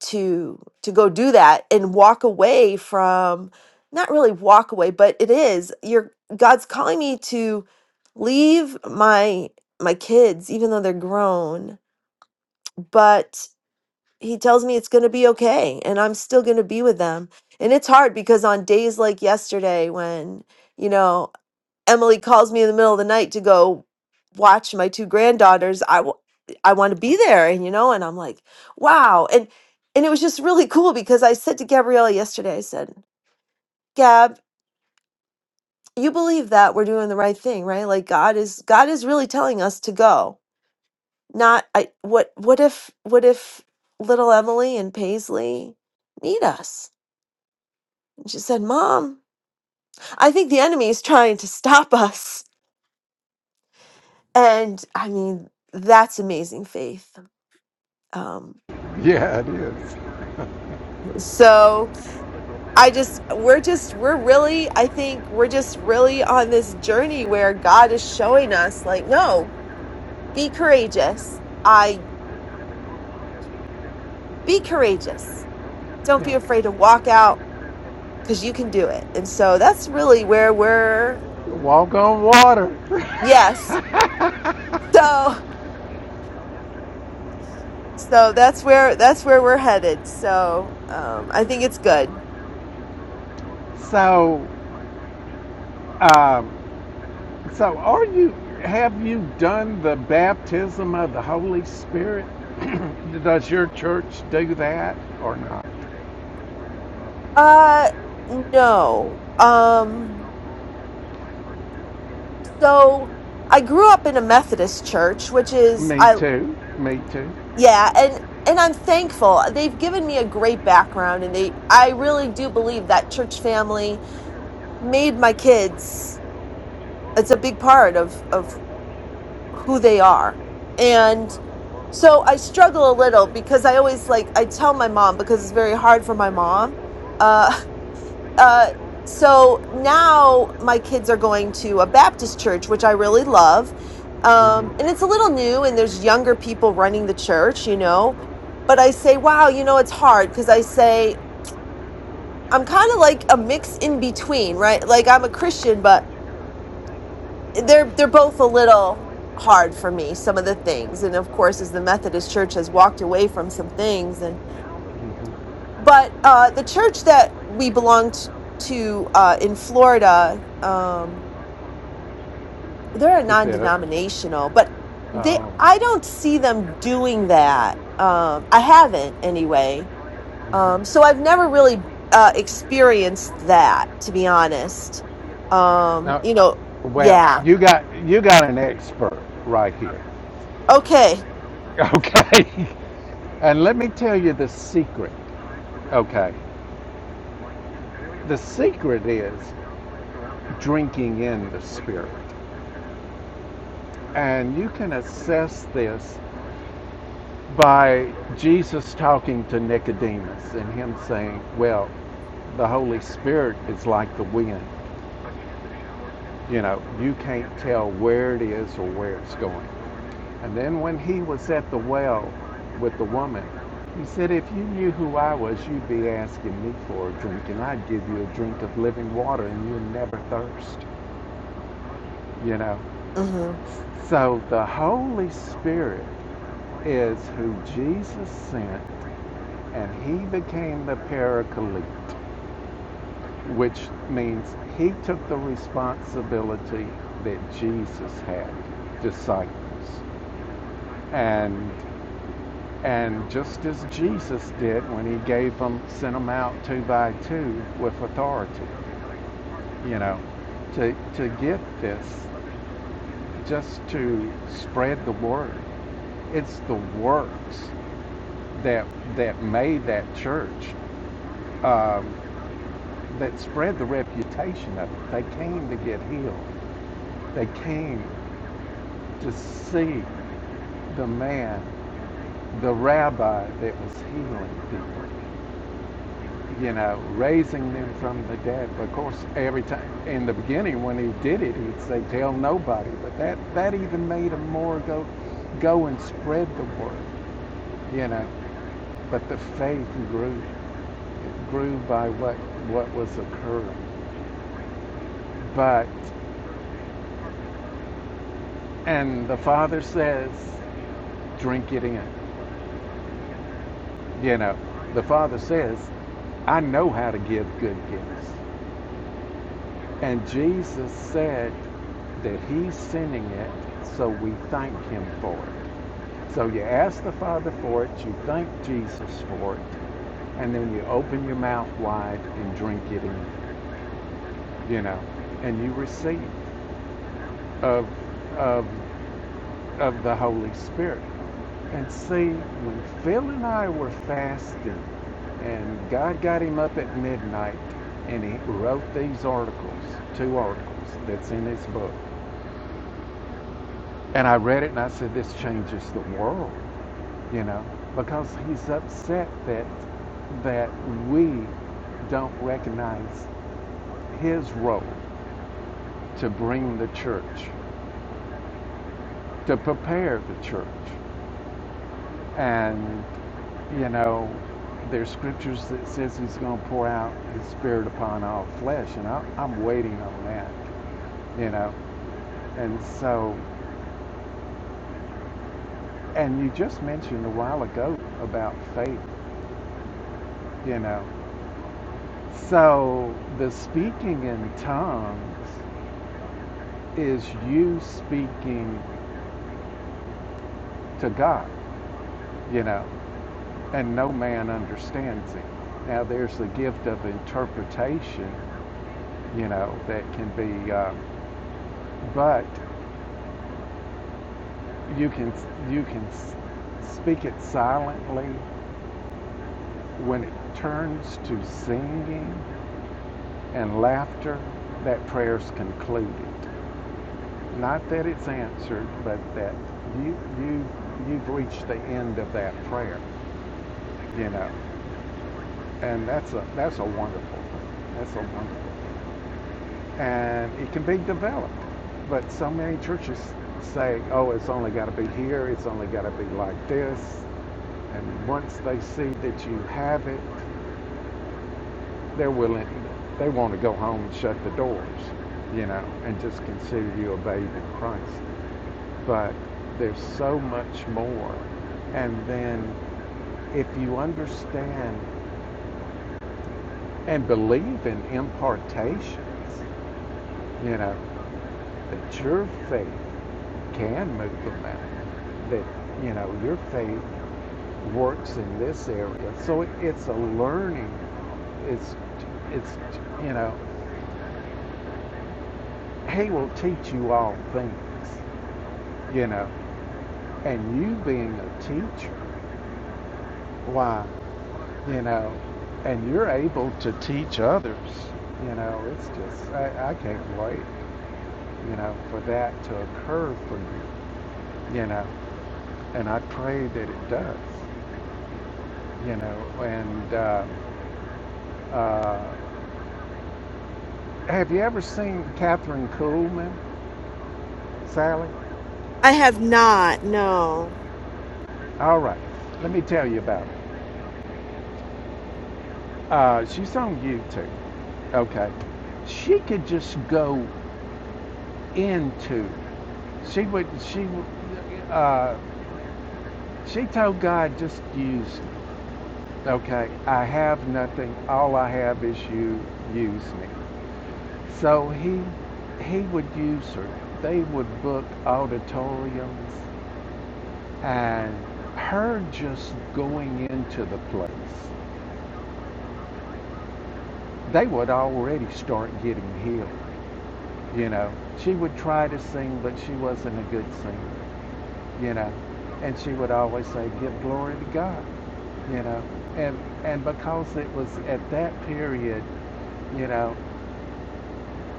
D: to to go do that and walk away from not really walk away but it is you're god's calling me to leave my my kids even though they're grown but he tells me it's going to be okay and i'm still going to be with them and it's hard because on days like yesterday when you know Emily calls me in the middle of the night to go watch my two granddaughters. I w- I want to be there, and you know, and I'm like, wow, and and it was just really cool because I said to Gabriella yesterday, I said, Gab, you believe that we're doing the right thing, right? Like God is God is really telling us to go. Not I what what if what if little Emily and Paisley need us? And she said, Mom, I think the enemy is trying to stop us. And I mean, that's amazing faith um
B: yeah it is
D: so i just we're just we're really i think we're just really on this journey where god is showing us like no be courageous i be courageous don't be
B: Yes.
D: afraid to walk out because you can do it and so that's really where we're
B: Walk on water.
D: yes so so that's where that's where we're headed so um i think it's good
B: so, um, so are you? Have you done the baptism of the Holy Spirit? Does your church do that or not?
D: uh no um so I grew up in a Methodist church, which is
B: Me
D: I
B: too. Me too.
D: yeah, and and I'm thankful. They've given me a great background and they I really do believe that church family made my kids it's a big part of of who they are. And so I struggle a little because I always like I tell my mom because it's very hard for my mom. uh, Uh, so now my kids are going to a Baptist church, which I really love. Um, and
B: hmm
D: it's a little new, and there's younger people running the church, you know. But I say, wow, you know, it's hard because I say I'm kind of like a mix in between, right? Like I'm a Christian, but they're they're both a little hard for me some of the things and of course as the methodist church has walked away from some things and but uh the church that we belonged to uh in florida um they're a
B: That's it. right?
D: non-denominational but they
B: Oh.
D: i don't see them doing that um i haven't anyway um
B: Mm-hmm.
D: so i've never really uh experienced that to be honest um
B: Now,
D: you know
B: well,
D: yeah
B: you got you got an expert right here.
D: okay
B: Okay. And let me tell you the secret. Okay. The secret is drinking in the spirit. And you can assess this by Jesus talking to Nicodemus and him saying, "Well, the Holy Spirit is like the wind. You know, you can't tell where it is or where it's going. And then when he was at the well with the woman, he said, If you knew who I was, you'd be asking me for a drink, and I'd give you a drink of living water, and you'd never thirst. You know?
D: hmm
B: So the Holy Spirit is who Jesus sent, and he became the paraclete, which means he took the responsibility that Jesus had disciples. And And just as Jesus did when he gave them, sent them out two by two with authority, you know, to, to get this, just to spread the word. It's the works that, that made that church, um, that spread the reputation of it. They came to get healed. They came to see the man, the rabbi that was healing people. you know, raising them from the dead. Of course, every time in the beginning when he did it, he'd say, "Tell nobody." But that that even made him more go, go and spread the word, you know. But the faith grew, it grew by what what was occurring. But and the Father says, "Drink it in," you know. The Father says, "I know how to give good gifts." And Jesus said that He's sending it, so we thank Him for it. So you ask the Father for it, you thank Jesus for it, and then you open your mouth wide and drink it in, you know, and you receive of of of the Holy Spirit. And see, when Phil and I were fasting, and God got him up at midnight, and he wrote these articles, two articles that's in his book. And I read it and I said, this changes the world, you know, because he's upset that that we don't recognize his role to bring the church, to prepare the church. And, you know, there's scriptures that says he's going to pour out his spirit upon all flesh, and I, I'm waiting on that, you know. And so, and you just mentioned a while ago about faith, you know. So the speaking in tongues is you speaking to God, you know, and no man understands it. Now there's the gift of interpretation, you know, that can be, um, but you can you can speak it silently. When it turns to singing and laughter, that prayer's concluded. Not that it's answered, but that you you you've reached the end of that prayer, you know, and that's a that's a wonderful thing. That's a wonderful, thing. and it can be developed. But so many churches say, "Oh, it's only got to be here. It's only got to be like this." And once they see that you have it, they're willing. They want to go home and shut the doors, you know, and just consider you a babe in Christ. but there's so much more. And then if you understand and believe in impartations, you know, that your faith can move the mountain, that, you know, your faith works in this area. So it, it's a learning. It's, it's, you know, He will teach you all things, you know, and you being a teacher, why? you know, and you're able to teach others. You know, it's just, I, I can't wait, you know, for that to occur for you, you know, and I pray that it does, you know, and uh, uh, have you ever seen Catherine Kuhlman, Sally?
D: i have not no
B: All right, let me tell you about her. Uh, she's on YouTube, okay? She could just go into, she would, she, would. She told God, just use me. Okay, I have nothing. All I have is you. Use me. So he he would use her. They would book auditoriums and her just going into the place. They would already start getting healed, you know. She would try to sing, but she wasn't a good singer, you know. And she would always say, Give glory to God, you know. And and because it was at that period you know,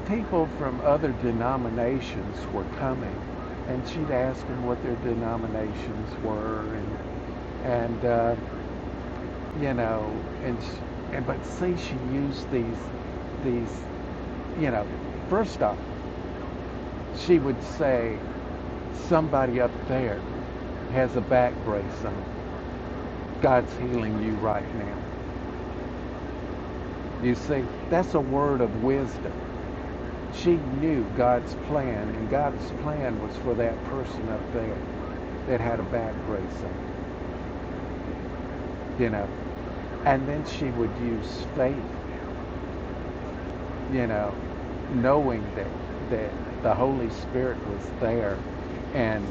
B: people from other denominations were coming, and she'd ask them what their denominations were, and and uh, you know, and sh and but see, she used these these you know, first off, she would say somebody up there has a back brace on. God's healing you right now. You see, that's a word of wisdom. she knew God's plan, and God's plan was for that person up there that had a back bracer, you know. And then she would use faith, you know, knowing that that the Holy Spirit was there, and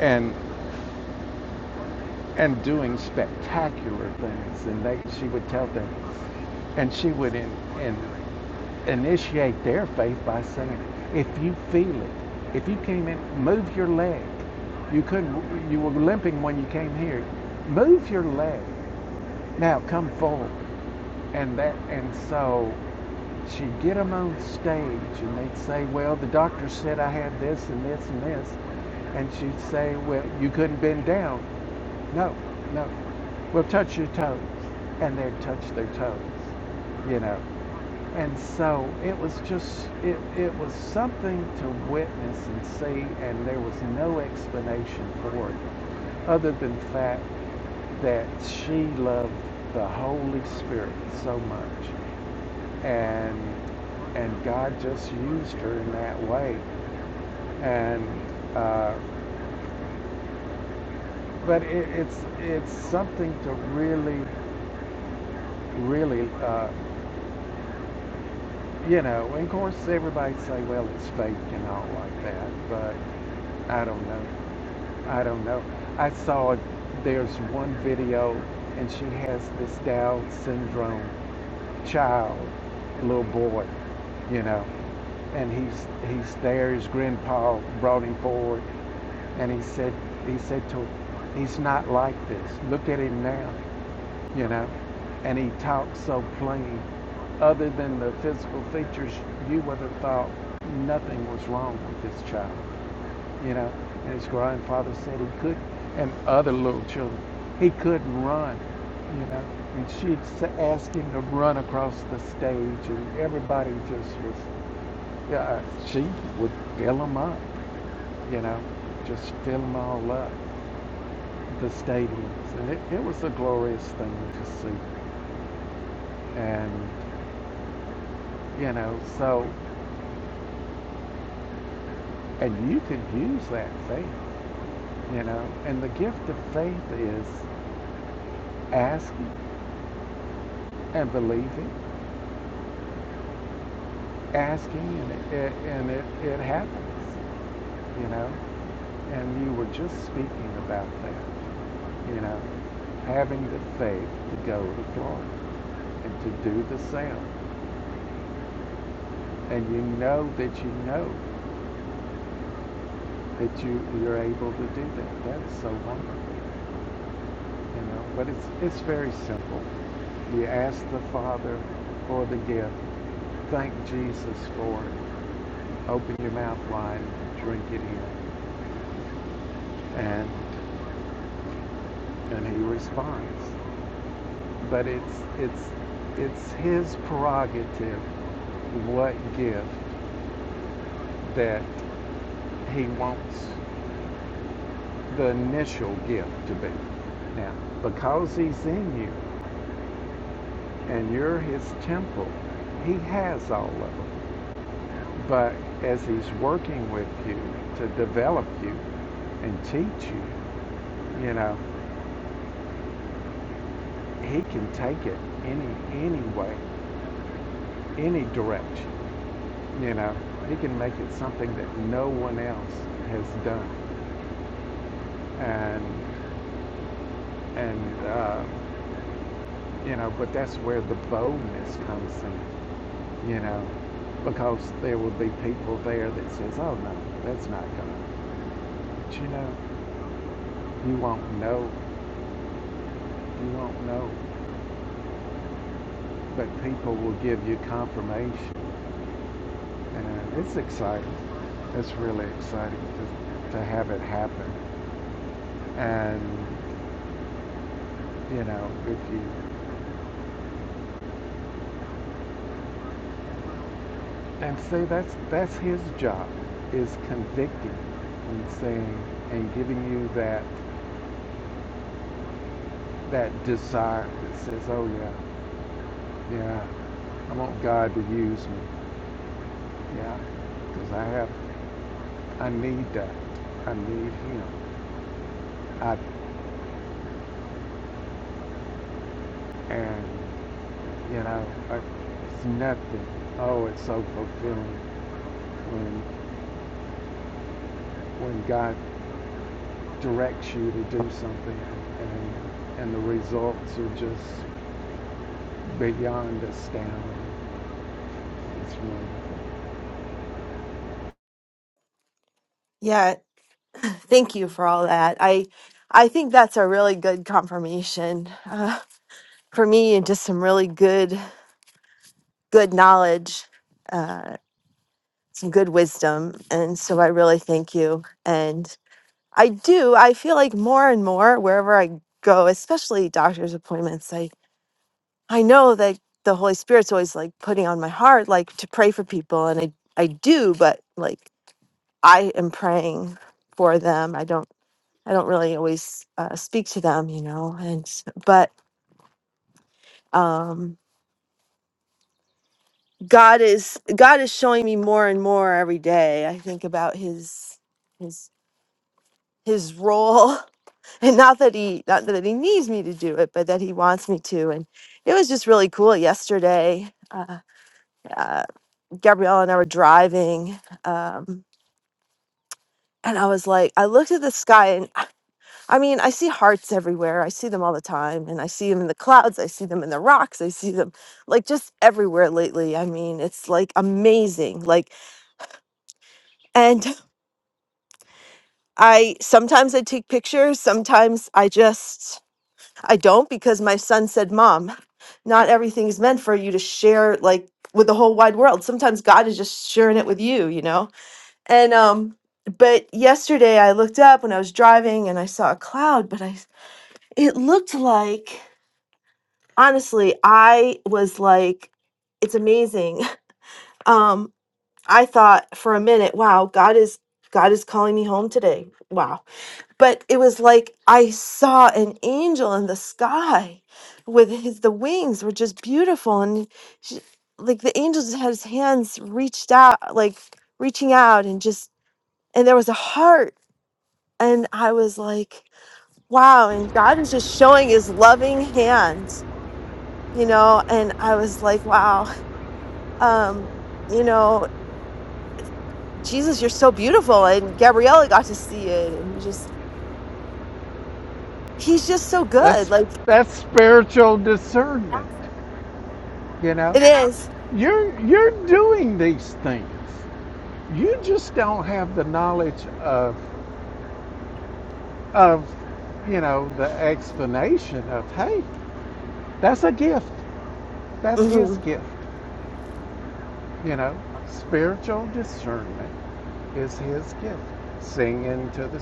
B: and and doing spectacular things. And they, she would tell them, and she would in, in initiate their faith by saying, if you feel it, if you came in, move your leg. You couldn't, you were limping when you came here. Move your leg. Now come forward. And that, and so she'd get them on stage and they'd say, well, the doctor said I had this and this and this. And she'd say, well, you couldn't bend down. No, no. Well, touch your toes. And they'd touch their toes, you know. And so it was just, it, it was something to witness and see, and there was no explanation for it other than the fact that she loved the Holy Spirit so much. And, and God just used her in that way. And, uh, but it, it's, it's something to really, really, uh, you know, and of course everybody say, well, it's fake and all like that, but I don't know. I don't know. I saw there's one video and she has this Down syndrome child, little boy, you know, and he's he's there. His grandpa brought him forward, and he said he said to him, he's not like this. Look at him now, you know, and he talks so plain. Other than the physical features, you would have thought nothing was wrong with this child you know. And his grandfather said he could, and other little children, he couldn't run, you know. And she'd s- ask him to run across the stage, and everybody just was, yeah, uh, she would fill him up, you know, just fill him all up, the stadiums. And it, it was a glorious thing to see. And, you know, so, and you can use that faith, you know. And the gift of faith is asking and believing asking and it, it, and it, it happens, you know. And you were just speaking about that, you know, having the faith to go to Florida and to do the sale. And you know that you know that you, you're able to do that. That is so wonderful, you know. But it's, it's very simple. You ask the Father for the gift. Thank Jesus for it. Open your mouth wide and drink it in. And, and he responds. but it's it's it's his prerogative what gift that he wants the initial gift to be. Now, because he's in you and you're his temple, he has all of them. But as he's working with you to develop you and teach you, you know, he can take it any any way, any direction. You know, he can make it something that no one else has done. And, and uh, you know, but that's where the boldness comes in, you know, because there will be people there that says, oh, no, that's not gonna," But, you know, you won't know. You won't know. But people will give you confirmation. And it's exciting. It's really exciting to, to have it happen. And, you know, if you And say that's that's his job is convicting and saying and giving you that that desire that says, "Oh yeah, yeah, I want God to use me, yeah, because I have, I need that, I need Him, I, and you know, I, it's nothing. Oh, it's so fulfilling when when God directs you to do something and and the results are just beyond us now. It's wonderful.
D: yeah thank you for all that i i think that's a really good confirmation uh, for me and just some really good good knowledge uh, some good wisdom. And so I really thank you. And I do, I feel like more and more wherever I go, especially doctor's appointments, I, I know that the Holy Spirit's always like putting on my heart, like to pray for people. And I, I do, but like I am praying for them. I don't, I don't really always uh, speak to them, you know, and, but, um, God is God is showing me more and more every day. I think about his his his role and not that he not that he needs me to do it but that he wants me to and it was just really cool yesterday uh, uh, gabrielle and i were driving um, and i was like i looked at the sky and i mean i see hearts everywhere i see them all the time and i see them in the clouds i see them in the rocks i see them like just everywhere lately i mean it's like amazing like and i sometimes i take pictures sometimes i just I don't because my son said, Mom, not everything is meant for you to share like with the whole wide world. Sometimes God is just sharing it with you, you know? And um, but yesterday I looked up when I was driving and I saw a cloud, but I it looked like honestly, I was like, it's amazing. Um, I thought for a minute, wow, God is God is calling me home today. Wow but it was like I saw an angel in the sky with his the wings were just beautiful and she, like the angel just had his hands reached out like reaching out and just and there was a heart and I was like wow and God was just showing his loving hands you know and I was like wow um you know Jesus you're so beautiful and Gabriella got to see it and we just he's just so good
B: That's
D: like
B: that's spiritual discernment. You know,
D: it is.
B: you're you're doing these things. You just don't have the knowledge of of you know the explanation of hey, that's a gift. That's
D: Mm-hmm.
B: His gift. You know, spiritual discernment is His gift. Sing into the,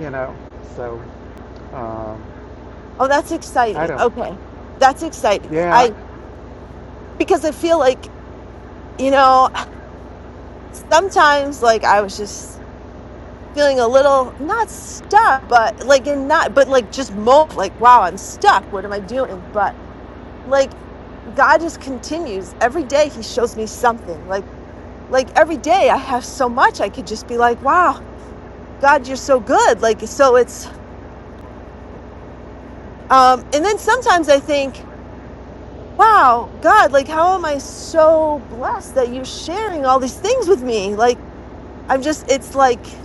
B: you know. So um,
D: Oh, that's
B: I
D: exciting.
B: don't.
D: Okay. That's exciting.
B: Yeah,
D: I because I feel like, you know, sometimes like I was just feeling a little not stuck, but like and not but like just mo like wow, I'm stuck. What am I doing? But like God just continues. Every day he shows me something. Like like every day I have so much I could just be like, wow, God, you're so good. Like so it's um and then sometimes I think wow, God, like, how am I so blessed that you're sharing all these things with me? Like, I'm just, it's like,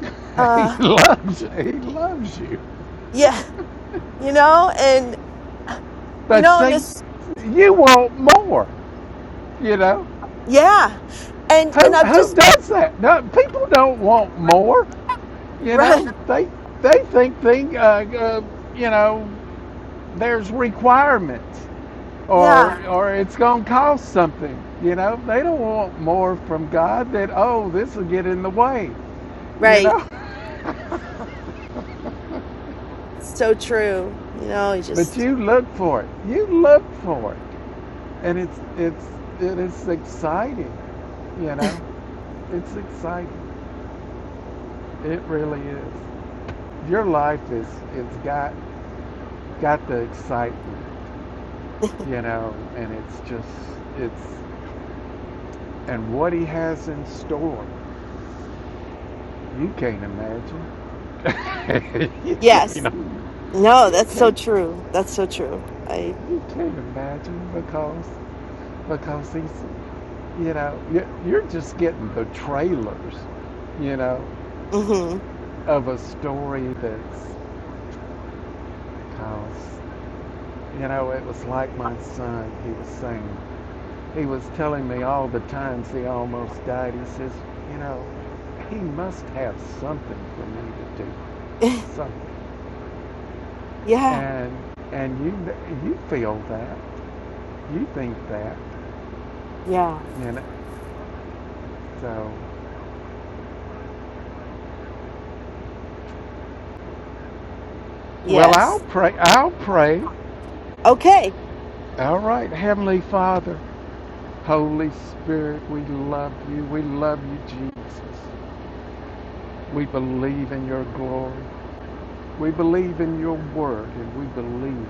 B: He
D: uh,
B: loves you. he loves you.
D: yeah, you know, and, you
B: But
D: know, and
B: see,
D: this,
B: you want more, you know.
D: yeah. And, and
B: Who
D: I've
B: who
D: just, been-
B: does that? No, people don't want more, you
D: right.
B: know. They they think think uh, uh, you know there's requirements
D: Yeah.
B: or or it's going to cost something, you know. They don't want more from God that oh, this will get in the way, you
D: Right.
B: know.
D: So true. You know, you
B: but
D: just,
B: you look for it. You look for it. and it's it's it is exciting you know it's exciting it really is your life is it's got got the excitement you know and it's just it's and what he has in store you can't imagine you can't
D: yes. No,
B: you
D: that's so
B: can't
D: true. That's so true. I,
B: you can't imagine because because he's you know you- you're just getting the trailers you know
D: mm
B: of a story that's because You know, it was like my son, he was saying. He was telling me all the times he almost died. He says, You know, he must have something for me to do,
D: hmm.
B: something.
D: yeah.
B: And and you you feel that, you think that,
D: Yeah.
B: you know. So, well,
D: Yes.
B: I'll pray. I'll pray.
D: Okay.
B: All right, Heavenly Father, Holy Spirit, we love you. We love you, Jesus. We believe in your glory. We believe in your word, and we believe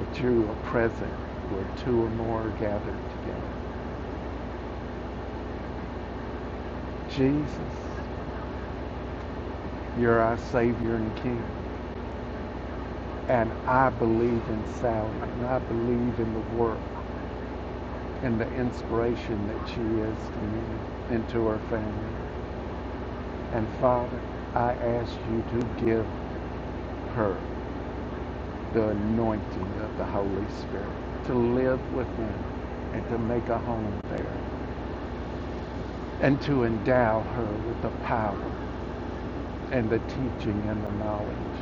B: that you are present where two or more are gathered together. Jesus, you're our Savior and King. And I believe in Sally, and I believe in the work and the inspiration that she is to me and to her family. And Father, I ask you to give her the anointing of the Holy Spirit to live within and to make a home there and to endow her with the power and the teaching and the knowledge.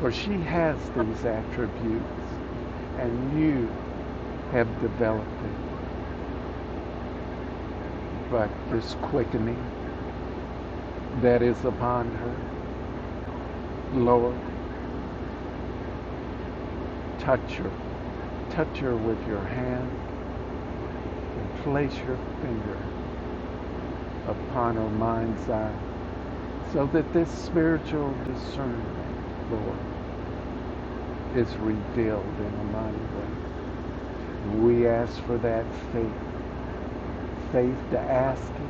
B: For she has these attributes, and you have developed it. But this quickening that is upon her, Lord, touch her. Touch her with your hand and place your finger upon her mind's eye so that this spiritual discernment, Lord, is revealed in a mighty way. We ask for that faith, faith to ask it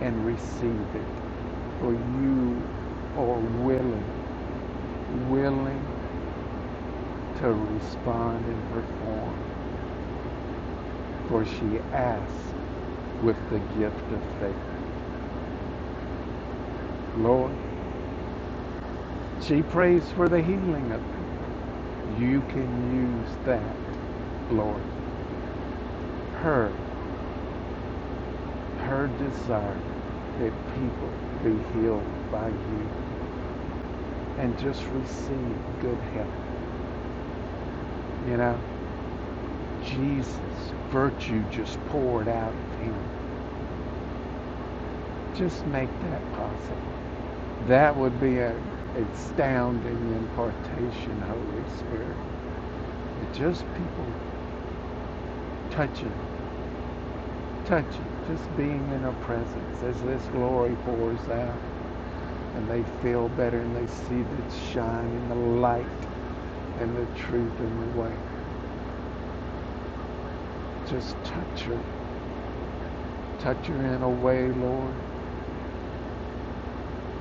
B: and receive it. For you are willing, willing to respond and perform. For she asked with the gift of faith. Lord, she prays for the healing of it. You can use that, Lord, her, her desire that people be healed by you and just receive good health. You know? Jesus, virtue just poured out of him. Just make that possible. That would be an astounding impartation, Holy Spirit. just people touching, touching, just being in her presence as this glory pours out and they feel better and they see the shine and the light and the truth and the way. Just touch her. Touch her in a way, Lord,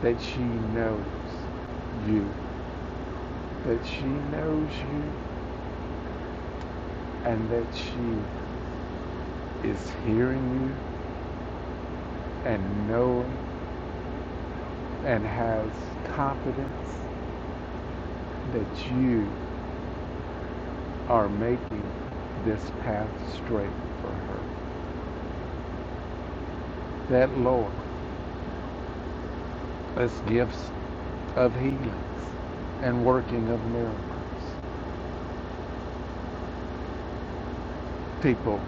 B: that she knows you. that she knows you and that she is hearing you and knowing and has confidence that you are making this path straight for her. That, Lord, us gifts of healings and working of miracles. People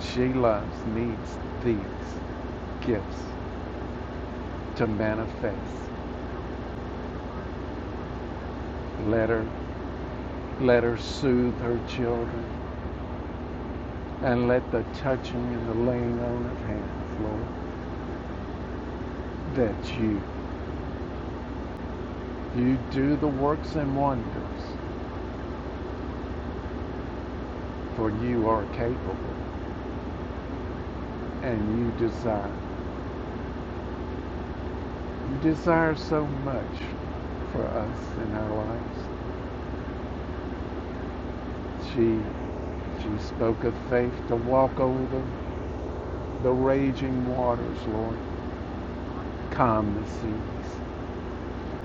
B: she loves needs these gifts to manifest. Let her let her soothe her children. and let the touching and the laying on of hands, Lord, that you you do the works and wonders, for you are capable, and you desire you desire so much for us in our lives. She she spoke of faith to walk over the, the raging waters, Lord. Calm the seas.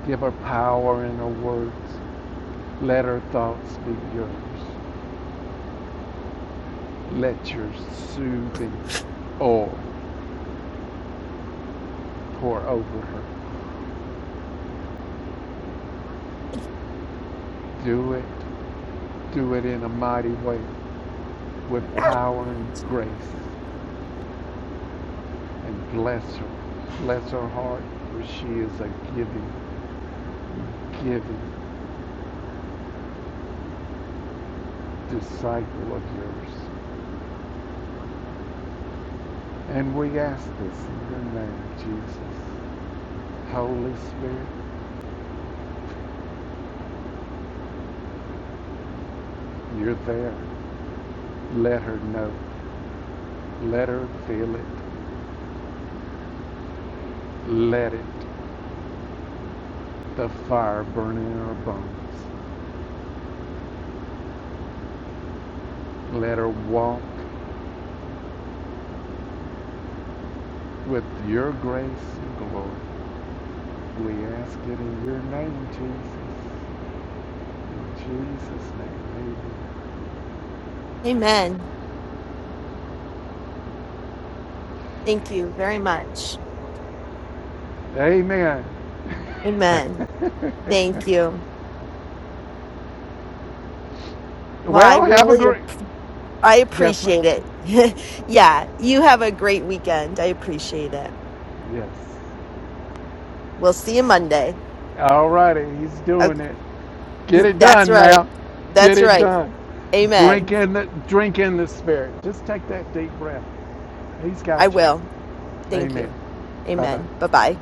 B: Give her power in her words. Let her thoughts be yours. Let your soothing oil pour over her. Do it. Do it in a mighty way with power and grace. And bless her. Bless her heart, for she is a giving, giving disciple of yours. And we ask this in your name, Jesus. Holy Spirit, you're there. Let her know. Let her feel it. Let it. The fire burn in her bones. Let her walk with your grace and glory. We ask it in your name, Jesus. In Jesus' name,
D: Amen. Thank you very much.
B: amen.
D: Amen. Thank
B: Amen.
D: you. Well, I
B: well, have a
D: really
B: great.
D: ap- I
B: Guess what?
D: appreciate it. yeah, you have a great weekend. I appreciate it.
B: Yes.
D: We'll see you Monday.
B: All righty, he's
D: Okay,
B: doing it. Get it
D: that's
B: done
D: right.
B: now. Get
D: That's
B: it
D: right.
B: done. Drink
D: Amen.
B: in the drink in the spirit. Just take that deep breath. He's got
D: I
B: you.
D: will. Thank you.
B: Amen. Bye bye.
D: Amen. Bye-bye.